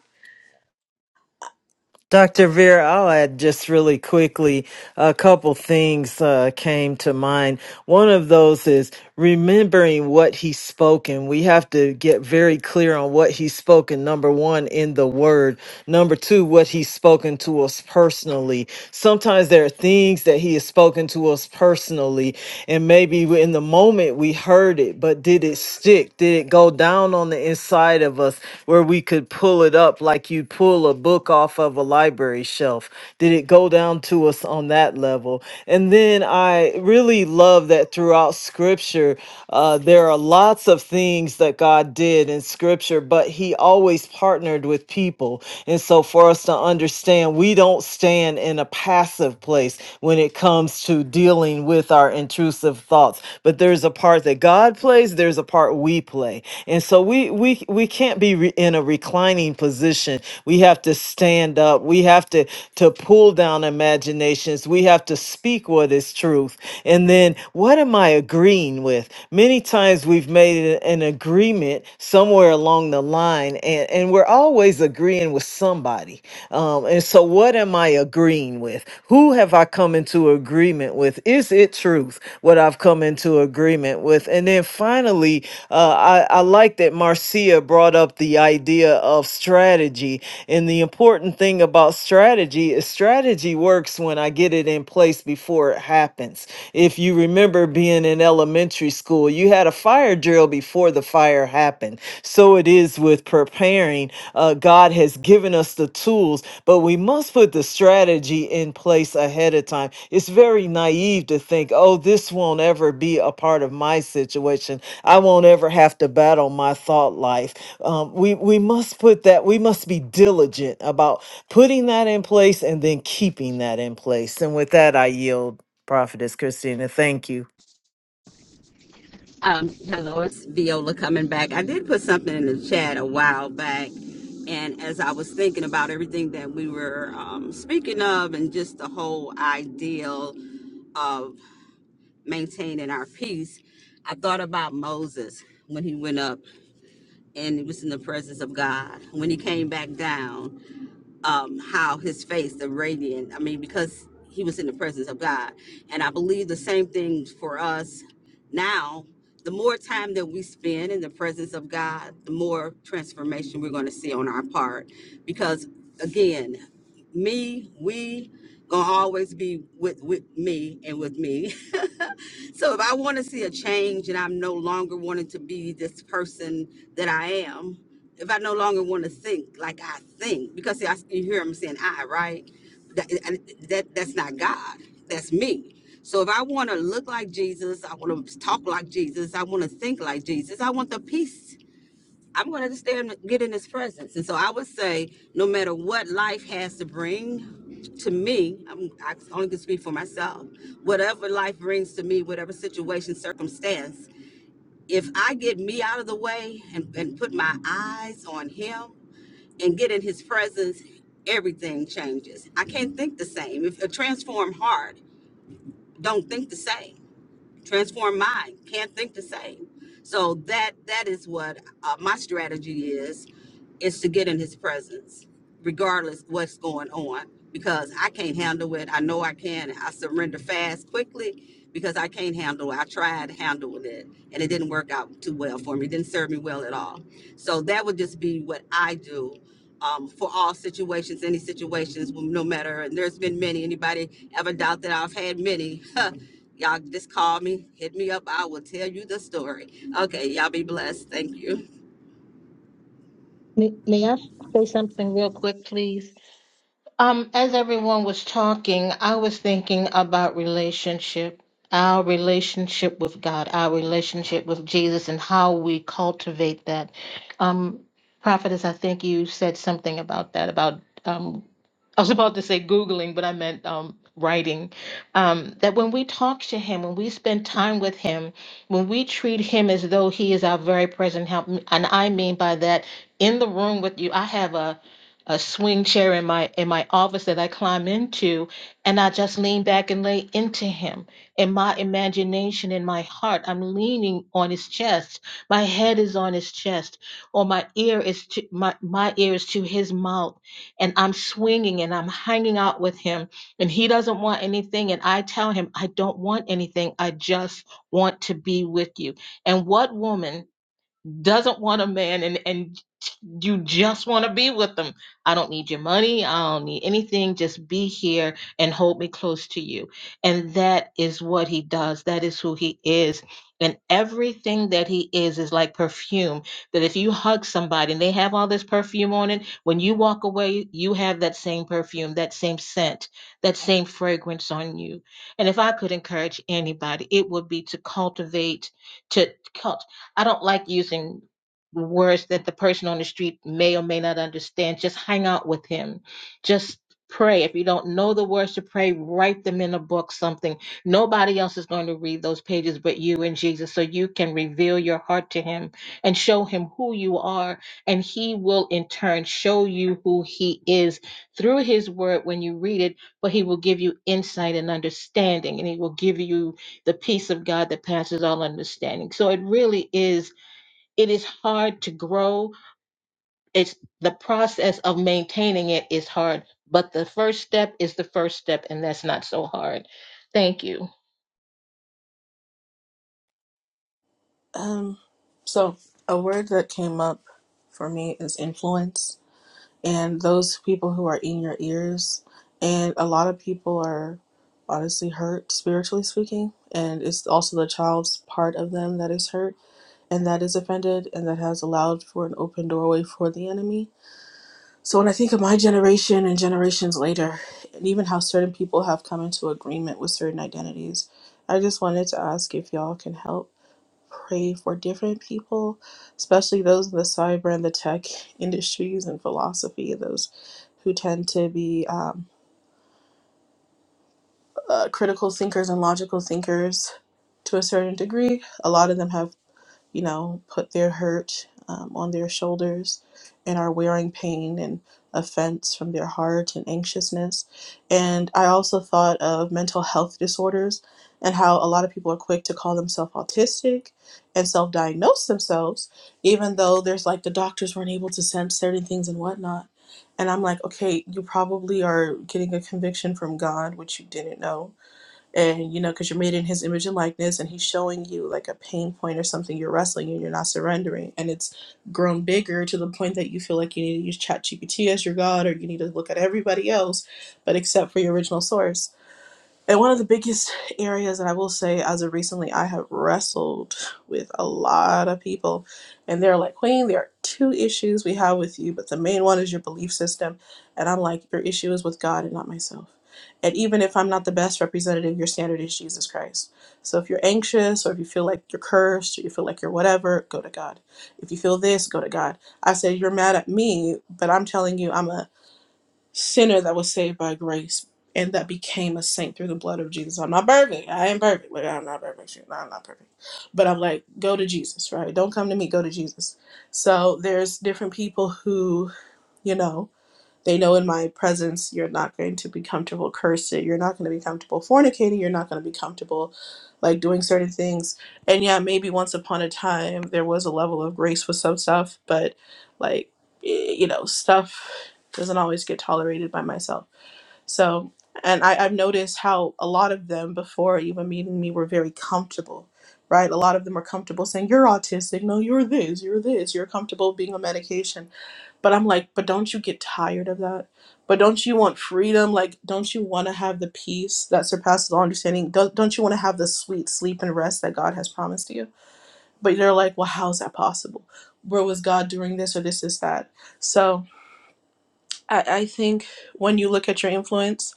Speaker 5: Dr. Vera, I'll add just really quickly a couple things uh, came to mind. One of those is remembering what he's spoken. We have to get very clear on what he's spoken, number one, in the word. Number two, what he's spoken to us personally. Sometimes there are things that he has spoken to us personally and maybe we- in the moment we heard it but did it stick did it go down on the inside of us where we could pull it up like you pull a book off of a library shelf did it go down to us on that level and then i really love that throughout scripture uh, there are lots of things that god did in scripture but he always partnered with people and so, for us to understand, we don't stand in a passive place when it comes to dealing with our intrusive thoughts. But there's a part that God plays, there's a part we play. And so, we we we can't be re- in a reclining position. We have to stand up. We have to to pull down imaginations. We have to speak what is truth. And then, what am I agreeing? agreeing with. Many times we've made a- an agreement somewhere along the line, and, and we're always agreeing with somebody. Um, and so, what am I agreeing with? Who have I come into agreement with? Is it truth what I've come into agreement with? And then finally, uh, I, I like that Marcia brought up the idea of strategy and the important thing about about strategy is strategy works when I get it in place before it happens. If you remember being in elementary school, you had a fire drill before the fire happened. So it is with preparing. Uh, God has given us the tools, but we must put the strategy in place ahead of time. It's very naive to think, oh, this won't ever be a part of my situation. I won't ever have to battle my thought life. Um, we, we must put that, we must be diligent about putting that in place and then keeping that in place. And with that, I yield, Prophetess Christina. Thank you.
Speaker 2: Um, hello, it's Viola coming back. I did put something in the chat a while back, and as I was thinking about everything that we were um, speaking of and just the whole ideal of maintaining our peace, I thought about Moses when he went up and he was in the presence of God. When he came back down, um, how his face, the radiant, I mean, because he was in the presence of God. And I believe the same thing for us now. The more time that we spend in the presence of God, the more transformation we're going to see on our part. Because again, me, we, gonna always be with, with me and with me. <laughs> so if I want to see a change and I'm no longer wanting to be this person that I am, if I no longer want to think like I think, because see, I, you hear him saying I, right? That, that that's not God. That's me. So if I want to look like Jesus, I want to talk like Jesus, I want to think like Jesus, I want the peace. I'm going to stay and get in His presence. And so I would say, no matter what life has to bring to me, I'm, I only can speak for myself. Whatever life brings to me, whatever situation, circumstance, if I get me out of the way and, and put my eyes on Him and get in his presence, everything changes. I can't think the same. If a transformed heart don't think the same transform mind can't think the same so that that is what uh, my strategy is is to get in his presence regardless what's going on because i can't handle it i know i can i surrender fast quickly because i can't handle it i tried handling it and it didn't work out too well for me it didn't serve me well at all so that would just be what i do um, for all situations any situations no matter and there's been many anybody ever doubt that i've had many <laughs> Y'all just call me, hit me up. I will tell you the story. Okay, y'all be blessed. Thank you.
Speaker 8: May, may I say something real quick, please? Um, as everyone was talking, I was thinking about relationship, our relationship with God, our relationship with Jesus, and how we cultivate that. Um, Prophetess, I think you said something about that. About um, I was about to say googling, but I meant um, writing. Um, that when we talk to Him, when we spend time with Him, when we treat Him as though He is our very present help, and I mean by that, in the room with you, I have a a swing chair in my in my office that I climb into, and I just lean back and lay into him. In my imagination, in my heart, I'm leaning on his chest. My head is on his chest, or my ear is to my my ear is to his mouth, and I'm swinging and I'm hanging out with him, and he doesn't want anything, and I tell him I don't want anything. I just want to be with you. And what woman? doesn't want a man and and you just want to be with them. I don't need your money. I don't need anything. Just be here and hold me close to you. And that is what he does. That is who he is. And everything that he is is like perfume. That if you hug somebody and they have all this perfume on it, when you walk away, you have that same perfume, that same scent, that same fragrance on you. And if I could encourage anybody, it would be to cultivate to I don't like using words that the person on the street may or may not understand. Just hang out with him. Just pray. If you don't know the words to pray, write them in a book, something. Nobody else is going to read those pages but you and Jesus. So you can reveal your heart to him and show him who you are. And he will in turn show you who he is through his word when you read it, but he will give you insight and understanding and he will give you the peace of God that passes all understanding. So it really is it is hard to grow. It's the process of maintaining it is hard, but the first step is the first step and that's not so hard. Thank you.
Speaker 9: Um, so a word that came up for me is influence, and those people who are in your ears, and a lot of people are honestly hurt spiritually speaking, and it's also the child's part of them that is hurt and that is offended and that has allowed for an open doorway for the enemy. So when I think of my generation and generations later, and even how certain people have come into agreement with certain identities, I just wanted to ask if y'all can help pray for different people, especially those in the cyber and the tech industries and philosophy, those who tend to be um, uh, critical thinkers and logical thinkers to a certain degree. A lot of them have you know, put their hurt um, on their shoulders and are wearing pain and offense from their heart and anxiousness. And I also thought of mental health disorders and how a lot of people are quick to call themselves autistic and self diagnose themselves, even though there's like the doctors weren't able to sense certain things and whatnot. And I'm like, okay, you probably are getting a conviction from God, which you didn't know and you know because you're made in his image and likeness and he's showing you like a pain point or something you're wrestling and you're not surrendering and it's grown bigger to the point that you feel like you need to use chat gpt as your god or you need to look at everybody else but except for your original source and one of the biggest areas that I will say, as of recently, I have wrestled with a lot of people, and they're like, Queen, there are two issues we have with you, but the main one is your belief system. And I'm like, Your issue is with God and not myself. And even if I'm not the best representative, your standard is Jesus Christ. So if you're anxious, or if you feel like you're cursed, or you feel like you're whatever, go to God. If you feel this, go to God. I said, You're mad at me, but I'm telling you, I'm a sinner that was saved by grace and that became a saint through the blood of Jesus. I'm not perfect. I ain't perfect. Like I'm not perfect. Shit, I'm not perfect. But I'm like, go to Jesus, right? Don't come to me, go to Jesus. So there's different people who, you know, they know in my presence you're not going to be comfortable cursing, you're not going to be comfortable fornicating, you're not going to be comfortable like doing certain things. And yeah, maybe once upon a time there was a level of grace with some stuff, but like, eh, you know, stuff doesn't always get tolerated by myself. So, and I, I've noticed how a lot of them before even meeting me were very comfortable. Right, a lot of them were comfortable saying you're autistic. No, you're this. You're this. You're comfortable being on medication but I'm like, but don't you get tired of that? But don't you want freedom? Like, don't you want to have the peace that surpasses all understanding? Don't, don't you want to have the sweet sleep and rest that God has promised you? But they're like, well, how is that possible? Where was God doing this or this is that? So I, I think when you look at your influence,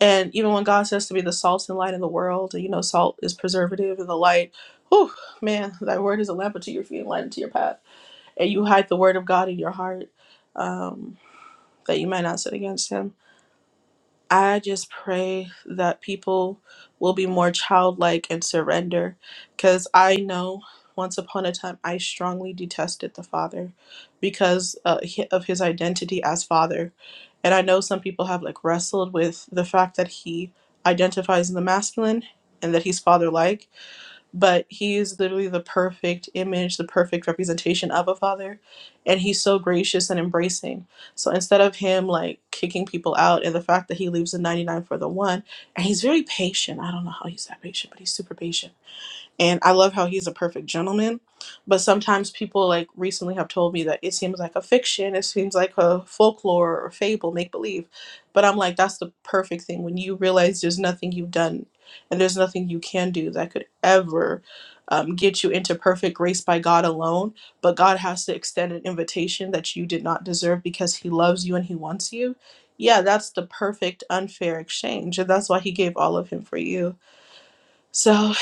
Speaker 9: and even when God says to be the salt and light in the world, you know, salt is preservative and the light, whew, man, that word is a lamp unto your feet and light unto your path. And you hide the word of God in your heart um, that you might not sin against Him I just pray that people will be more childlike and surrender because I know once upon a time I strongly detested the father because uh, hi- of his identity as father. And I know some people have like wrestled with the fact that he identifies in the masculine and that he's father like but he is literally the perfect image, the perfect representation of a father. And he's so gracious and embracing. So instead of him like kicking people out, and the fact that he leaves the 99 for the one, and he's very patient. I don't know how he's that patient, but he's super patient and I love how he's a perfect gentleman. But sometimes people like recently have told me that it seems like a fiction, it seems like a folklore or fable, make believe. But I'm like, that's the perfect thing when you realize there's nothing you've done and there's nothing you can do that could ever um, get you into perfect grace by God alone. But God has to extend an invitation that you did not deserve because He loves you and He wants you. Yeah, that's the perfect unfair exchange. And that's why He gave all of Him for you so,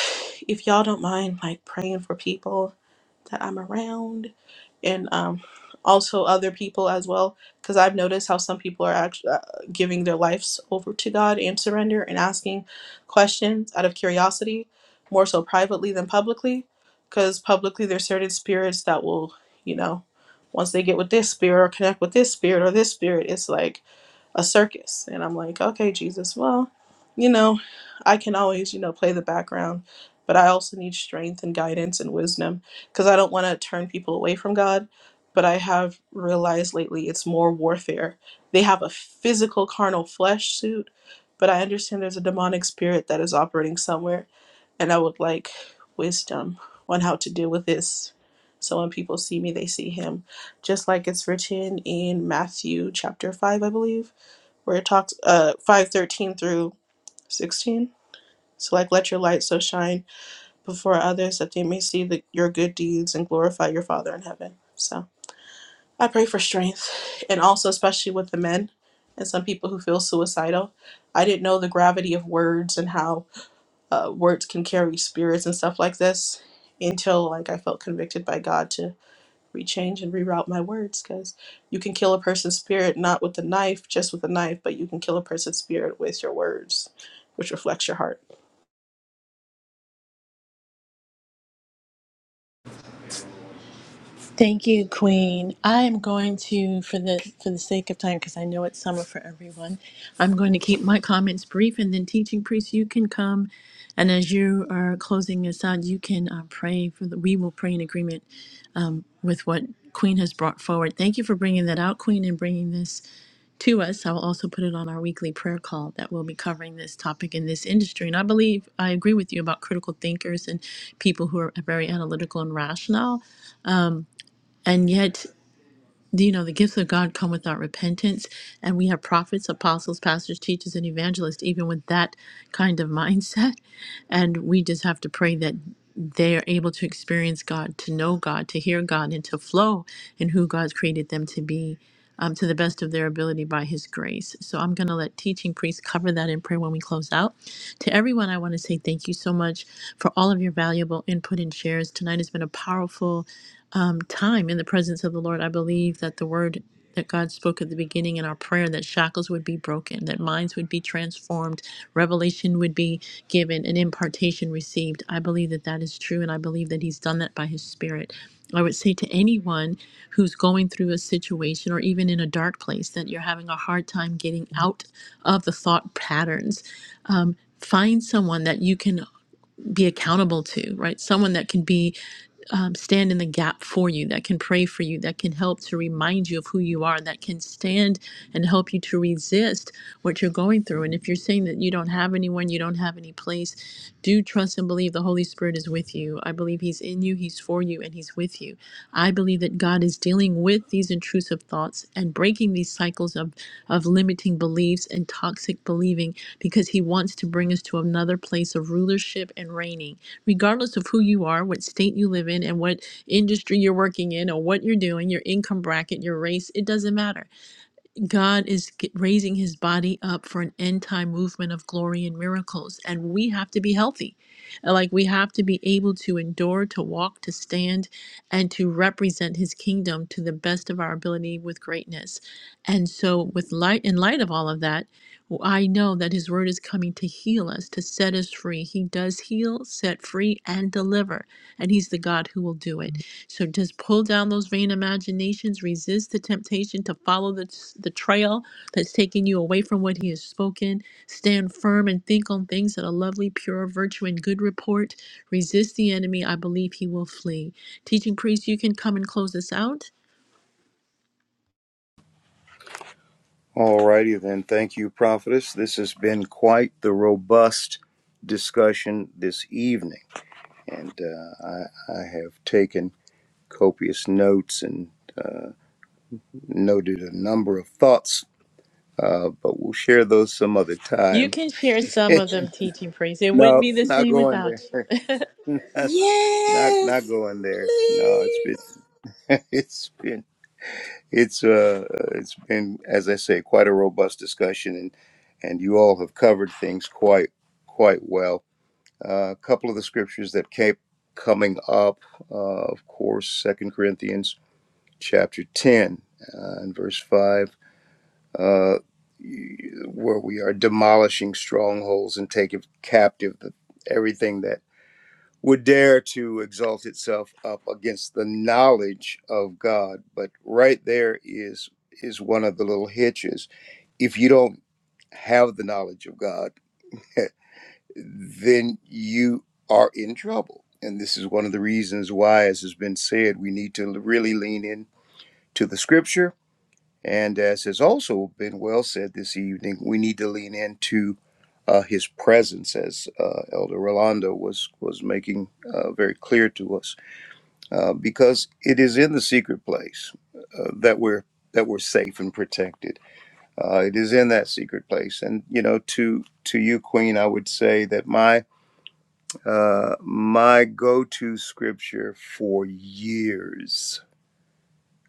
Speaker 9: if y'all don't mind, like praying for people that I'm around and um, also other people as well, because I've noticed how some people are actually uh, giving their lives over to God and surrender and asking questions out of curiosity, more so privately than publicly, because publicly there's certain spirits that will, you know, once they get with this spirit or connect with this spirit or this spirit, it's like a circus. And I'm like, okay, Jesus, well, you know, I can always, you know, play the background, but I also need strength and guidance and wisdom because I don't want to turn people away from God. But I have realized lately it's more warfare. They have a physical carnal flesh suit, but I understand there's a demonic spirit that is operating somewhere. And I would like wisdom on how to deal with this. So when people see me, they see him. Just like it's written in Matthew chapter 5, I believe where it talks uh five thirteen through sixteen. So like let your light so shine before others that they may see the, your good deeds and glorify your Father in heaven. So I pray for strength and also especially with the men and some people who feel suicidal. I didn't know the gravity of words and how uh, words can carry spirits and stuff like this until like I felt convicted by God to rechange and reroute my words because you can kill a person's spirit not with a knife, just with a knife, but you can kill a person's spirit with your words, which reflects your heart.
Speaker 1: Thank you, Queen. I am going to, for the for the sake of time, because I know it's summer for everyone, I'm going to keep my comments brief, and then teaching priest, you can come, and as you are closing us out, you can uh, pray for the. We will pray in agreement with what Queen has brought forward. Thank you for bringing that out, Queen, and bringing this to us. I will also put it on our weekly prayer call that will be covering this topic in this industry. And I believe I agree with you about critical thinkers and people who are very analytical and rational, and yet you know the gifts of god come without repentance and we have prophets apostles pastors teachers and evangelists even with that kind of <laughs> mindset and we just have to pray that they are able to experience god to know god to hear god and to flow in who god's created them to be um, to the best of their ability by his grace. So I'm going to let teaching priests cover that in prayer when we close out. To everyone, I want to say thank you so much for all of your valuable input and shares. Tonight has been a powerful time in the presence of the Lord. I believe that the word that God spoke at the beginning in our prayer that shackles would be broken, that minds would be transformed, revelation would be given, and impartation received. I believe that that is true, and I believe that He's done that by His Spirit. I would say to anyone who's going through a situation or even in a dark place that you're having a hard time getting out of the thought patterns, find someone that you can be accountable to, right? Someone that can be um, stand in the gap for you, that can pray for you, that can help to remind you of who you are, that can stand and help you to resist what you're going through. And if you're saying that you don't have anyone, you don't have any place, do trust and believe the Holy Spirit is with you. I believe He's in you, He's for you, and He's with you. I believe that God is dealing with these intrusive thoughts and breaking these cycles of, of limiting beliefs and toxic believing because He wants to bring us to another place of rulership and reigning. Regardless of who you are, what state you live in, and what industry you're working in, or what you're doing, your income bracket, your race, it doesn't matter God is g- raising his body up for an end time movement of glory and miracles. And we have to be healthy. Like we have to be able to endure, to walk, to stand, and to represent his kingdom to the best of our ability with greatness. And so, with light, in light of all of that, well, I know that His word is coming to heal us, to set us free. He does heal, set free, and deliver, and He's the God who will do it. Mhm. So just pull down those vain imaginations, resist the temptation to follow the, the trail that's taking you away from what He has spoken. Stand firm and think on things that are lovely, pure, virtue, and good report. Resist the enemy. I believe He will flee. Teaching priest, you can come and close us out.
Speaker 3: All righty then. Thank you, Prophetess. This has been quite the robust discussion this evening, and uh, I, I have taken copious notes and uh, noted a number of thoughts, uh, but we'll share those some other
Speaker 1: You
Speaker 3: time.
Speaker 1: can share
Speaker 3: <laughs>
Speaker 1: some of them, teaching priest. It wouldn't
Speaker 3: no,
Speaker 1: be the
Speaker 3: not
Speaker 1: same
Speaker 3: going
Speaker 1: without you.
Speaker 3: there. <laughs> not not
Speaker 6: Yes,
Speaker 3: going there. No, it's
Speaker 6: please.
Speaker 3: been <laughs> it's been. It's uh, it's been, as I say, quite a robust discussion, and and you all have covered things quite quite well. Uh, a couple of the scriptures that kept coming up, uh, of course, Second Corinthians chapter ten uh, and verse five, uh, where we are demolishing strongholds and taking captive the, everything that would dare to exalt itself up against the knowledge of God. But right there is is one of the little hitches. If you don't have the knowledge of God, <laughs> then you are in trouble. And this is one of the reasons why, as has been said, we need to really lean in to the scripture. And as has also been well said this evening, we need to lean into uh, his presence, as uh, Elder Rolando was was making uh, very clear to us uh, because it is in the secret place uh, that we're that we're safe and protected. Uh, it is in that secret place, and you know, to to you, Queen, I would say that my uh, my go to scripture for years,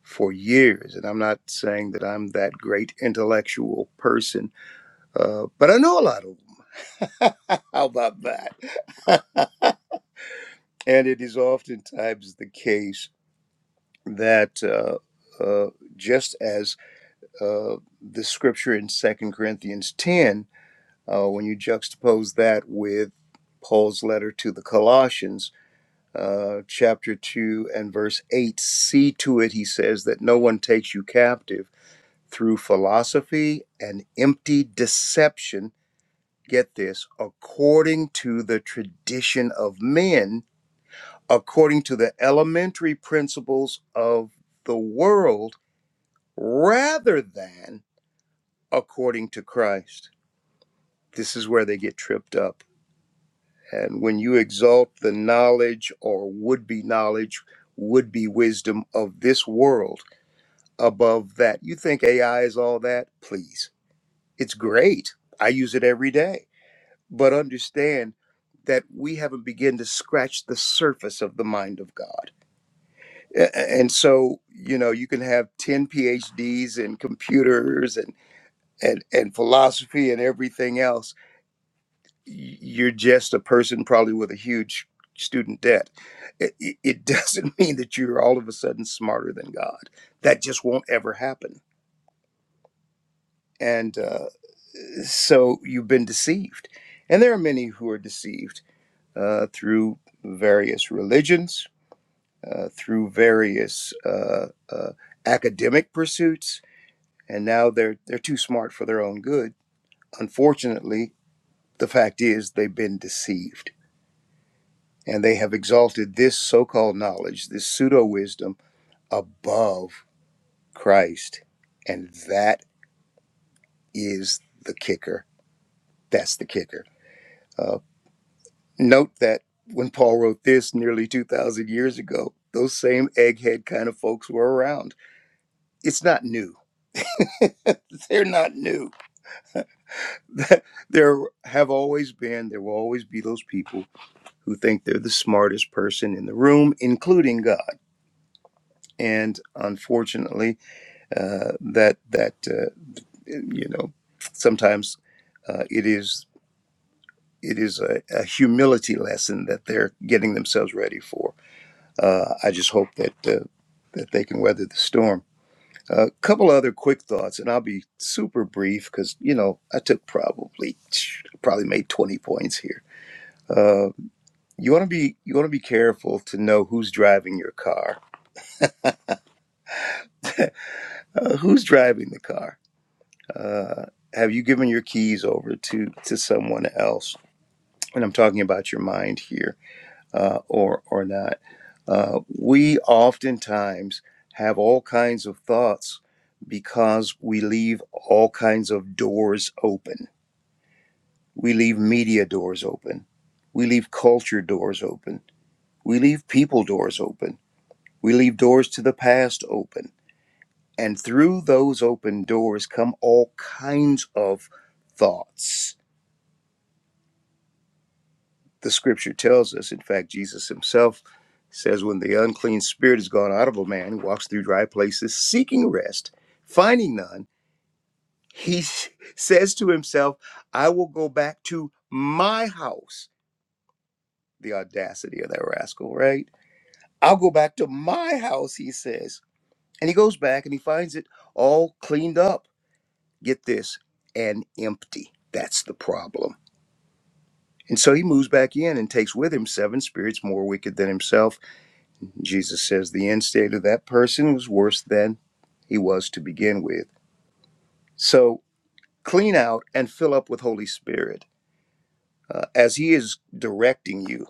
Speaker 3: for years, and I'm not saying that I'm that great intellectual person, uh, but I know a lot of them. <laughs> How about that? <laughs> and it is oftentimes the case that. Uh, uh, just as uh, the scripture in Second Corinthians 10, uh, when you juxtapose that with Paul's letter to the Colossians, uh, chapter 2 and verse 8, see to it, he says, that no one takes you captive through philosophy and empty deception. Get this, according to the tradition of men, according to the elementary principles of the world, rather than according to Christ This is where they get tripped up. And when you exalt the knowledge or would be knowledge, would be wisdom of this world above that, you think AI is all that? Please. It's great. I use it every day. But understand that we haven't begun to scratch the surface of the mind of God. A- a- And so, you know, you can have 10 PhDs in computers and, and, and philosophy and everything else you're just a person probably with a huge student debt. It, it it doesn't <laughs> mean that you're all of a sudden smarter than God. That just won't ever happen. And uh, so you've been deceived. And there are many who are deceived uh, through various religions, uh, through various uh, uh, academic pursuits, and now they're they're too smart for their own good. Unfortunately, the fact is they've been deceived and they have exalted this so called knowledge, this pseudo wisdom, above Christ. And that is the kicker. That's the kicker. Uh, note that when Paul wrote this nearly 2,000 years ago, those same egghead kind of folks were around. It's not new. <laughs> They're not new. <laughs> There have always been, there will always be those people who think they're the smartest person in the room, including God. And unfortunately, uh, that that uh, you know sometimes uh, it is it is a, a humility lesson that they're getting themselves ready for. Uh, I just hope that uh, that they can weather the storm. A couple other quick thoughts, and I'll be super brief because you know I took probably probably made twenty points here. Uh, you want to be you want to be careful to know who's driving your car. Uh, who's driving the car? Uh, have you given your keys over to to someone else? and I'm talking about your mind here, uh, or or not. Uh, we oftentimes have all kinds of thoughts because we leave all kinds of doors open. We leave media doors open. We leave culture doors open. We leave people doors open. We leave doors to the past open. And through those open doors come all kinds of thoughts the scripture tells us. In fact, Jesus himself says, When the unclean spirit is gone out of a man who walks through dry places seeking rest, finding none, he <laughs> says to himself, I will go back to my house. The audacity of that rascal, right? I'll go back to my house, he says. And he goes back and he finds it all cleaned up. Get this, and empty. That's the problem. And so he moves back in and takes with him seven spirits more wicked than himself Jesus says the end state of that person was worse than he was to begin with. So clean out and fill up with Holy Spirit uh, as he is directing you.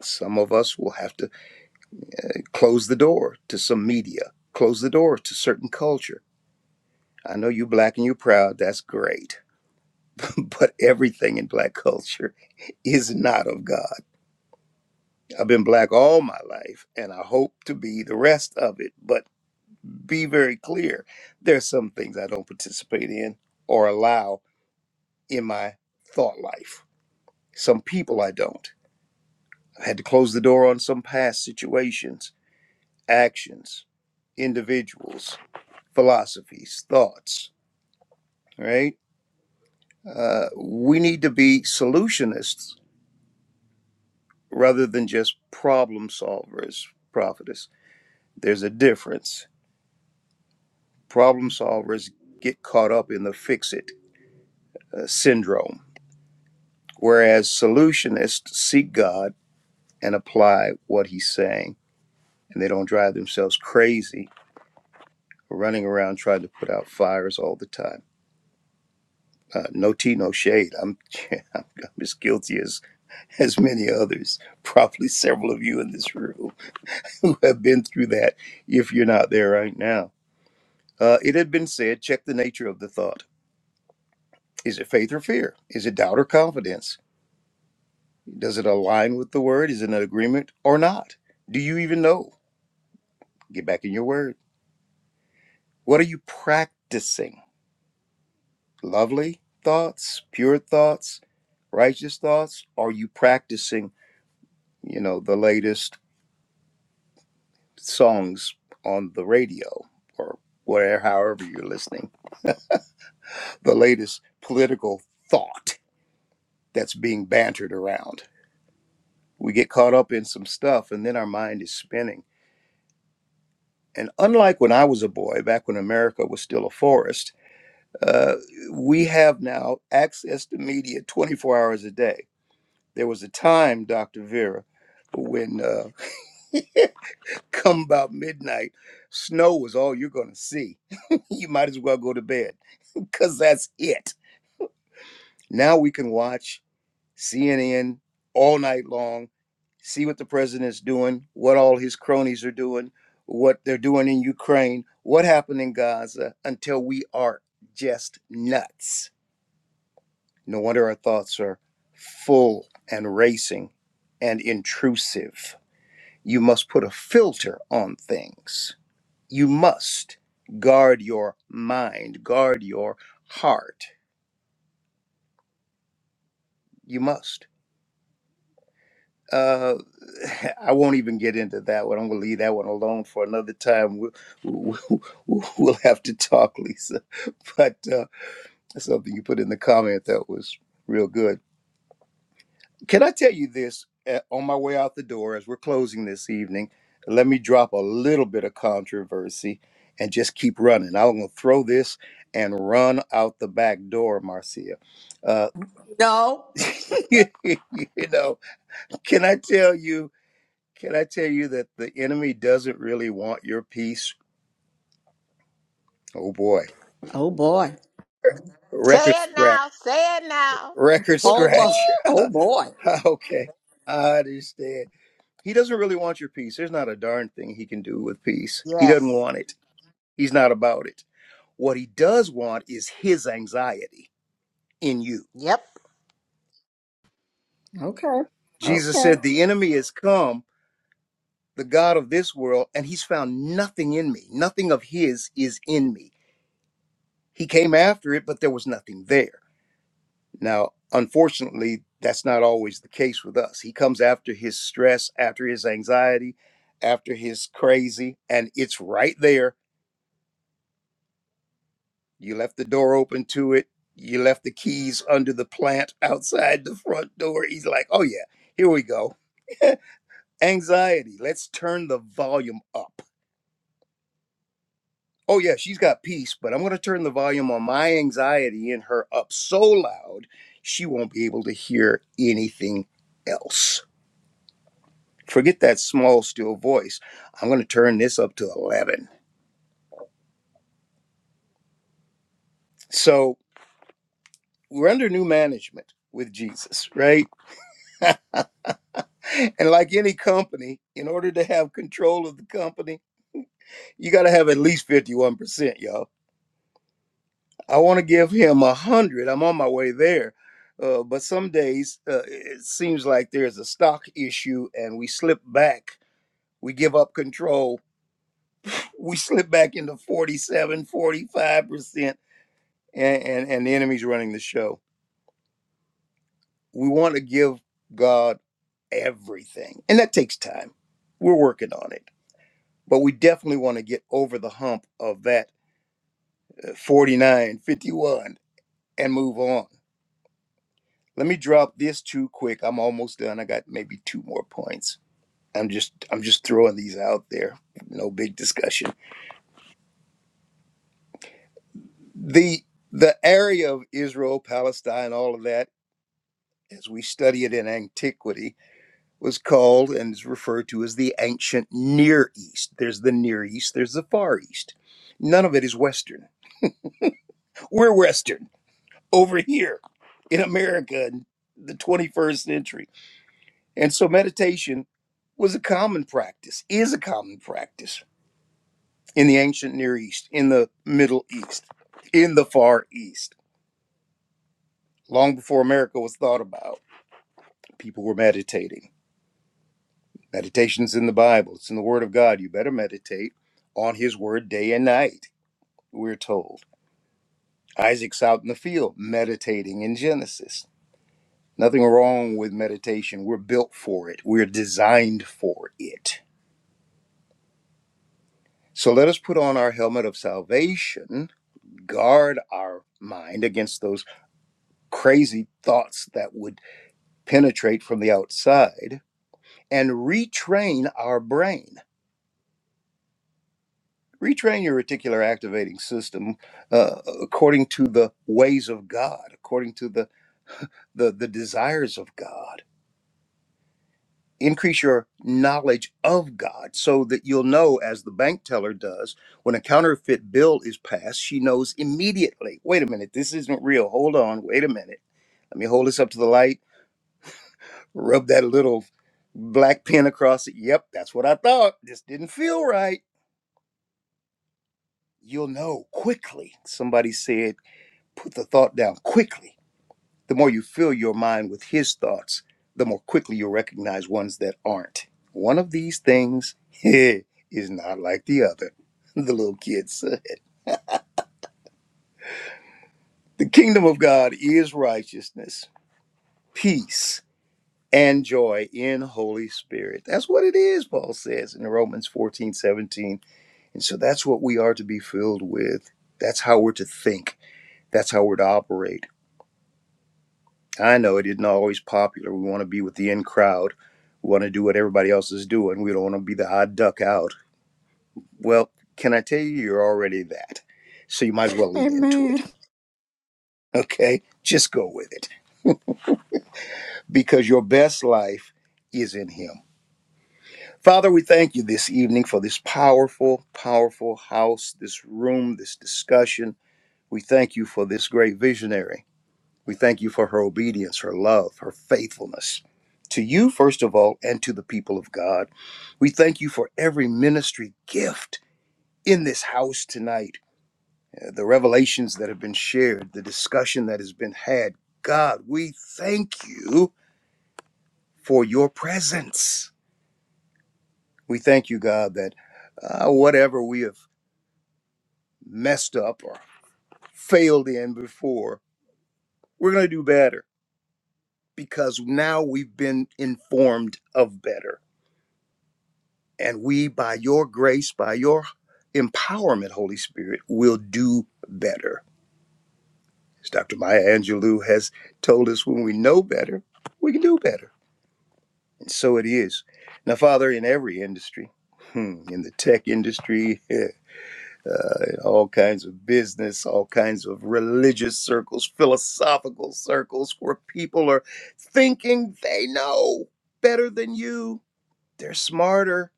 Speaker 3: Some of us will have to close the door to some media, close the door to certain culture. I know you black and you're proud, that's great. <laughs> But everything in black culture is not of God. I've been black all my life and I hope to be the rest of it, but be very clear. There's some things I don't participate in or allow in my thought life. Some people I don't. i had to close the door on some past situations, actions, individuals, philosophies, thoughts, right? Uh, we need to be solutionists rather than just problem solvers, prophetess. There's a difference. Problem solvers get caught up in the fix it uh, syndrome Whereas solutionists seek God and apply what he's saying, and they don't drive themselves crazy running around trying to put out fires all the time. Uh, no tea, no shade. I'm, <laughs> I'm as guilty as, as many others, <laughs> probably several of you in this room <laughs> who have been through that if you're not there right now. Uh, it had been said check the nature of the thought. Is it faith or fear? Is it doubt or confidence? Does it align with the word? Is it an agreement or not? Do you even know? Get back in your word. What are you practicing? Lovely thoughts, pure thoughts, righteous thoughts? Are you practicing, you know, the latest songs on the radio or where, however you're listening, the latest political thought that's being bantered around? We get caught up in some stuff and then our mind is spinning. And unlike when I was a boy, back when America was still a forest, uh, we have now access to media 24 hours a day There was a time, Dr. Vera, when uh, <laughs> come about midnight, snow was all you're going to see. <laughs> you might as well go to bed because that's it. Now we can watch CNN all night long, see what the president's doing, what all his cronies are doing, what they're doing in Ukraine, what happened in Gaza until we are just nuts. No wonder our thoughts are full and racing and intrusive. You must put a filter on things. You must guard your mind, guard your heart. You must. Uh, <laughs> I won't even get into that one. I'm going to leave that one alone for another time. We'll, we'll, <laughs> we'll have to talk, Lisa. <laughs> But uh, something you put in the comment that was real good. Can I tell you this uh, on my way out the door as we're closing this evening? Let me drop a little bit of controversy and just keep running. I'm going to throw this and run out the back door, Marcia. Uh,
Speaker 6: No.
Speaker 3: <laughs> you know, can I tell you? Can I tell you that the enemy doesn't really want your peace? Oh boy,
Speaker 6: Oh boy.
Speaker 3: record
Speaker 4: say it
Speaker 3: scratch,
Speaker 4: now, say it now.
Speaker 3: record
Speaker 4: <laughs>
Speaker 6: Oh,
Speaker 3: scratch.
Speaker 6: bo- oh boy.
Speaker 3: <laughs> okay, I understand. He doesn't really want your peace. There's not a darn thing he can do with peace. He doesn't
Speaker 4: yes.
Speaker 3: want it. He's not about it. What he does want is his anxiety in you.
Speaker 4: Yep.
Speaker 6: Okay.
Speaker 3: Jesus
Speaker 6: Okay.
Speaker 3: said, The enemy has come, the God of this world, and he's found nothing in me. Nothing of his is in me. He came after it, but there was nothing there. Now, unfortunately, that's not always the case with us. He comes after his stress, after his anxiety, after his crazy, and it's right there You left the door open to it. You left the keys under the plant <laughs> outside the front door. He's like, oh, yeah, here we go. <laughs> anxiety. Let's turn the volume up. Oh, yeah, she's got peace, but I'm going to turn the volume on my anxiety in her up so loud she won't be able to hear anything else. Forget that small, still voice. I'm going to turn this up to 11. So we're under new management with Jesus, right? <laughs> And like any company, in order to have control of the company, you got to have at least 51%, y'all. I want to give him a 100. I'm on my way there. Uh, but some days uh, it seems like there's a stock issue and we slip back. We give up control. We slip back into forty-seven, forty-five percent and, and, and the enemy's running the show. We want to give God everything, and that takes time. We're working on it but we definitely want to get over the hump of that uh, 49 fifty-one and move on let me drop this too quick i'm almost done i got maybe two more points i'm just i'm just throwing these out there no big discussion the the area of israel palestine all of that as we study it in antiquity was called and is referred to as the ancient near east there's the near east there's the far east none of it is western we're western over here in America in the 21st century. And so meditation was a common practice, is a common practice in the ancient Near East, in the Middle East, in the Far East. Long before America was thought about, people were meditating. Meditation's in the Bible, it's in the Word of God. You better meditate on His Word day and night, we're told. Isaac's out in the field meditating in Genesis Nothing wrong with meditation. We're built for it, we're designed for it. So let us put on our helmet of salvation, guard our mind against those crazy thoughts that would penetrate from the outside, and retrain our brain. Retrain your reticular activating system uh, according to the ways of God, according to the, the, the desires of God increase your knowledge of God so that you'll know, as the bank teller does, when a counterfeit bill is passed, she knows immediately, wait a minute, this isn't real. Hold on, wait a minute. Let me hold this up to the light, rub that little black pen across it. Yep, that's what I thought. This didn't feel right. You'll know quickly. Somebody said, put the thought down quickly The more you fill your mind with his thoughts, the more quickly you'll recognize ones that aren't. One of these things <laughs> is not like the other. <laughs> The little kids. <laughs> The kingdom of God is righteousness, peace, and joy in Holy Spirit. That's what it is, Paul says in Romans 14:17, And so that's what we are to be filled with. That's how we're to think. That's how we're to operate I know it isn't always popular. We want to be with the in crowd. We want to do what everybody else is doing. We don't want to be the odd duck out. Well, can I tell you, you're already that. So you might as well lean into it.
Speaker 6: Amen.
Speaker 3: Okay? Just go with it because your best life is in Him. Father, we thank you this evening for this powerful, powerful house, this room, this discussion. We thank you for this great visionary. We thank you for her obedience, her love, her faithfulness to you, first of all, and to the people of God. We thank you for every ministry gift in this house tonight, uh, the revelations that have been shared, the discussion that has been had. God, we thank you for your presence. We thank you, God, that uh, whatever we have messed up or failed in before, we're going to do better because now we've been informed of better. And we, by your grace, by your empowerment, Holy Spirit, will do better. As Dr. Maya Angelou has told us, when we know better, we can do better. And so it is. Now, Father, in every industry, hmm, in the tech industry, <laughs> uh, in all kinds of business, all kinds of religious circles, philosophical circles, where people are thinking they know better than you. They're smarter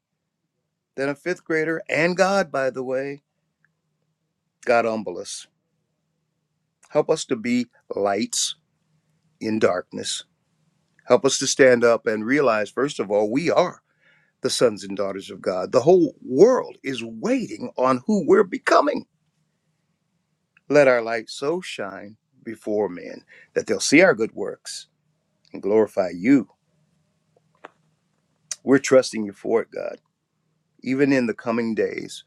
Speaker 3: than a fifth grader and God, by the way God, humble us. Help us to be lights in darkness. Help us to stand up and realize, first of all, we are the sons and daughters of God. The whole world is waiting on who we're becoming. Let our light so shine before men that they'll see our good works and glorify you. We're trusting you for it, God, even in the coming days,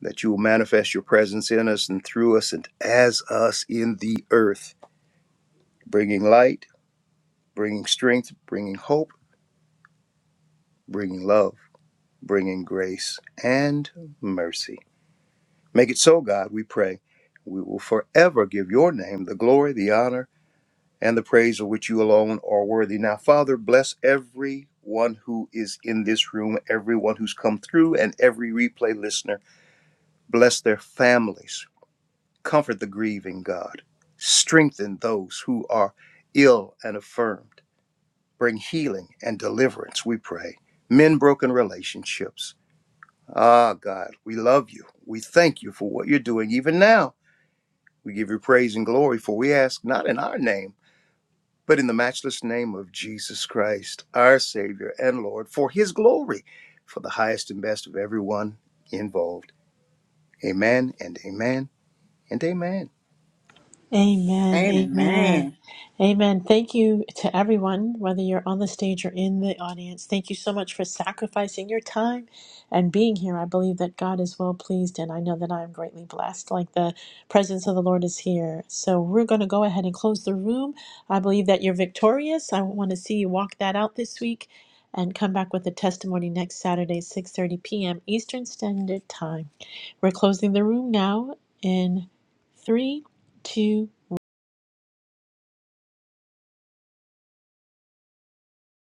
Speaker 3: that you will manifest your presence in us and through us and as us in the earth, bringing light, bringing strength, bringing hope, bringing love. bringing grace and mercy. Make it so, God, we pray. We will forever give your name the glory, the honor, and the praise of which you alone are worthy. Now, Father, bless everyone who is in this room, everyone who's come through, and every replay listener. Bless their families. Comfort the grieving, God. Strengthen those who are ill and affirmed. Bring healing and deliverance, we pray. Mend broken relationships Ah, God, we love you. We thank you for what you're doing even now. We give you praise and glory, for we ask not in our name, but in the matchless name of Jesus Christ, our Savior and Lord, for his glory, for the highest and best of everyone involved. Amen and amen and amen.
Speaker 1: Amen. Amen.
Speaker 6: Amen.
Speaker 1: Amen. Thank you to everyone, whether you're on the stage or in the audience. Thank you so much for sacrificing your time and being here. I believe that God is well pleased, and I know that I am greatly blessed, like the presence of the Lord is here. So we're going to go ahead and close the room. I believe that you're victorious. I want to see you walk that out this week and come back with a testimony next Saturday, 6.30 p.m. Eastern Standard Time. We're closing the room now in three, two.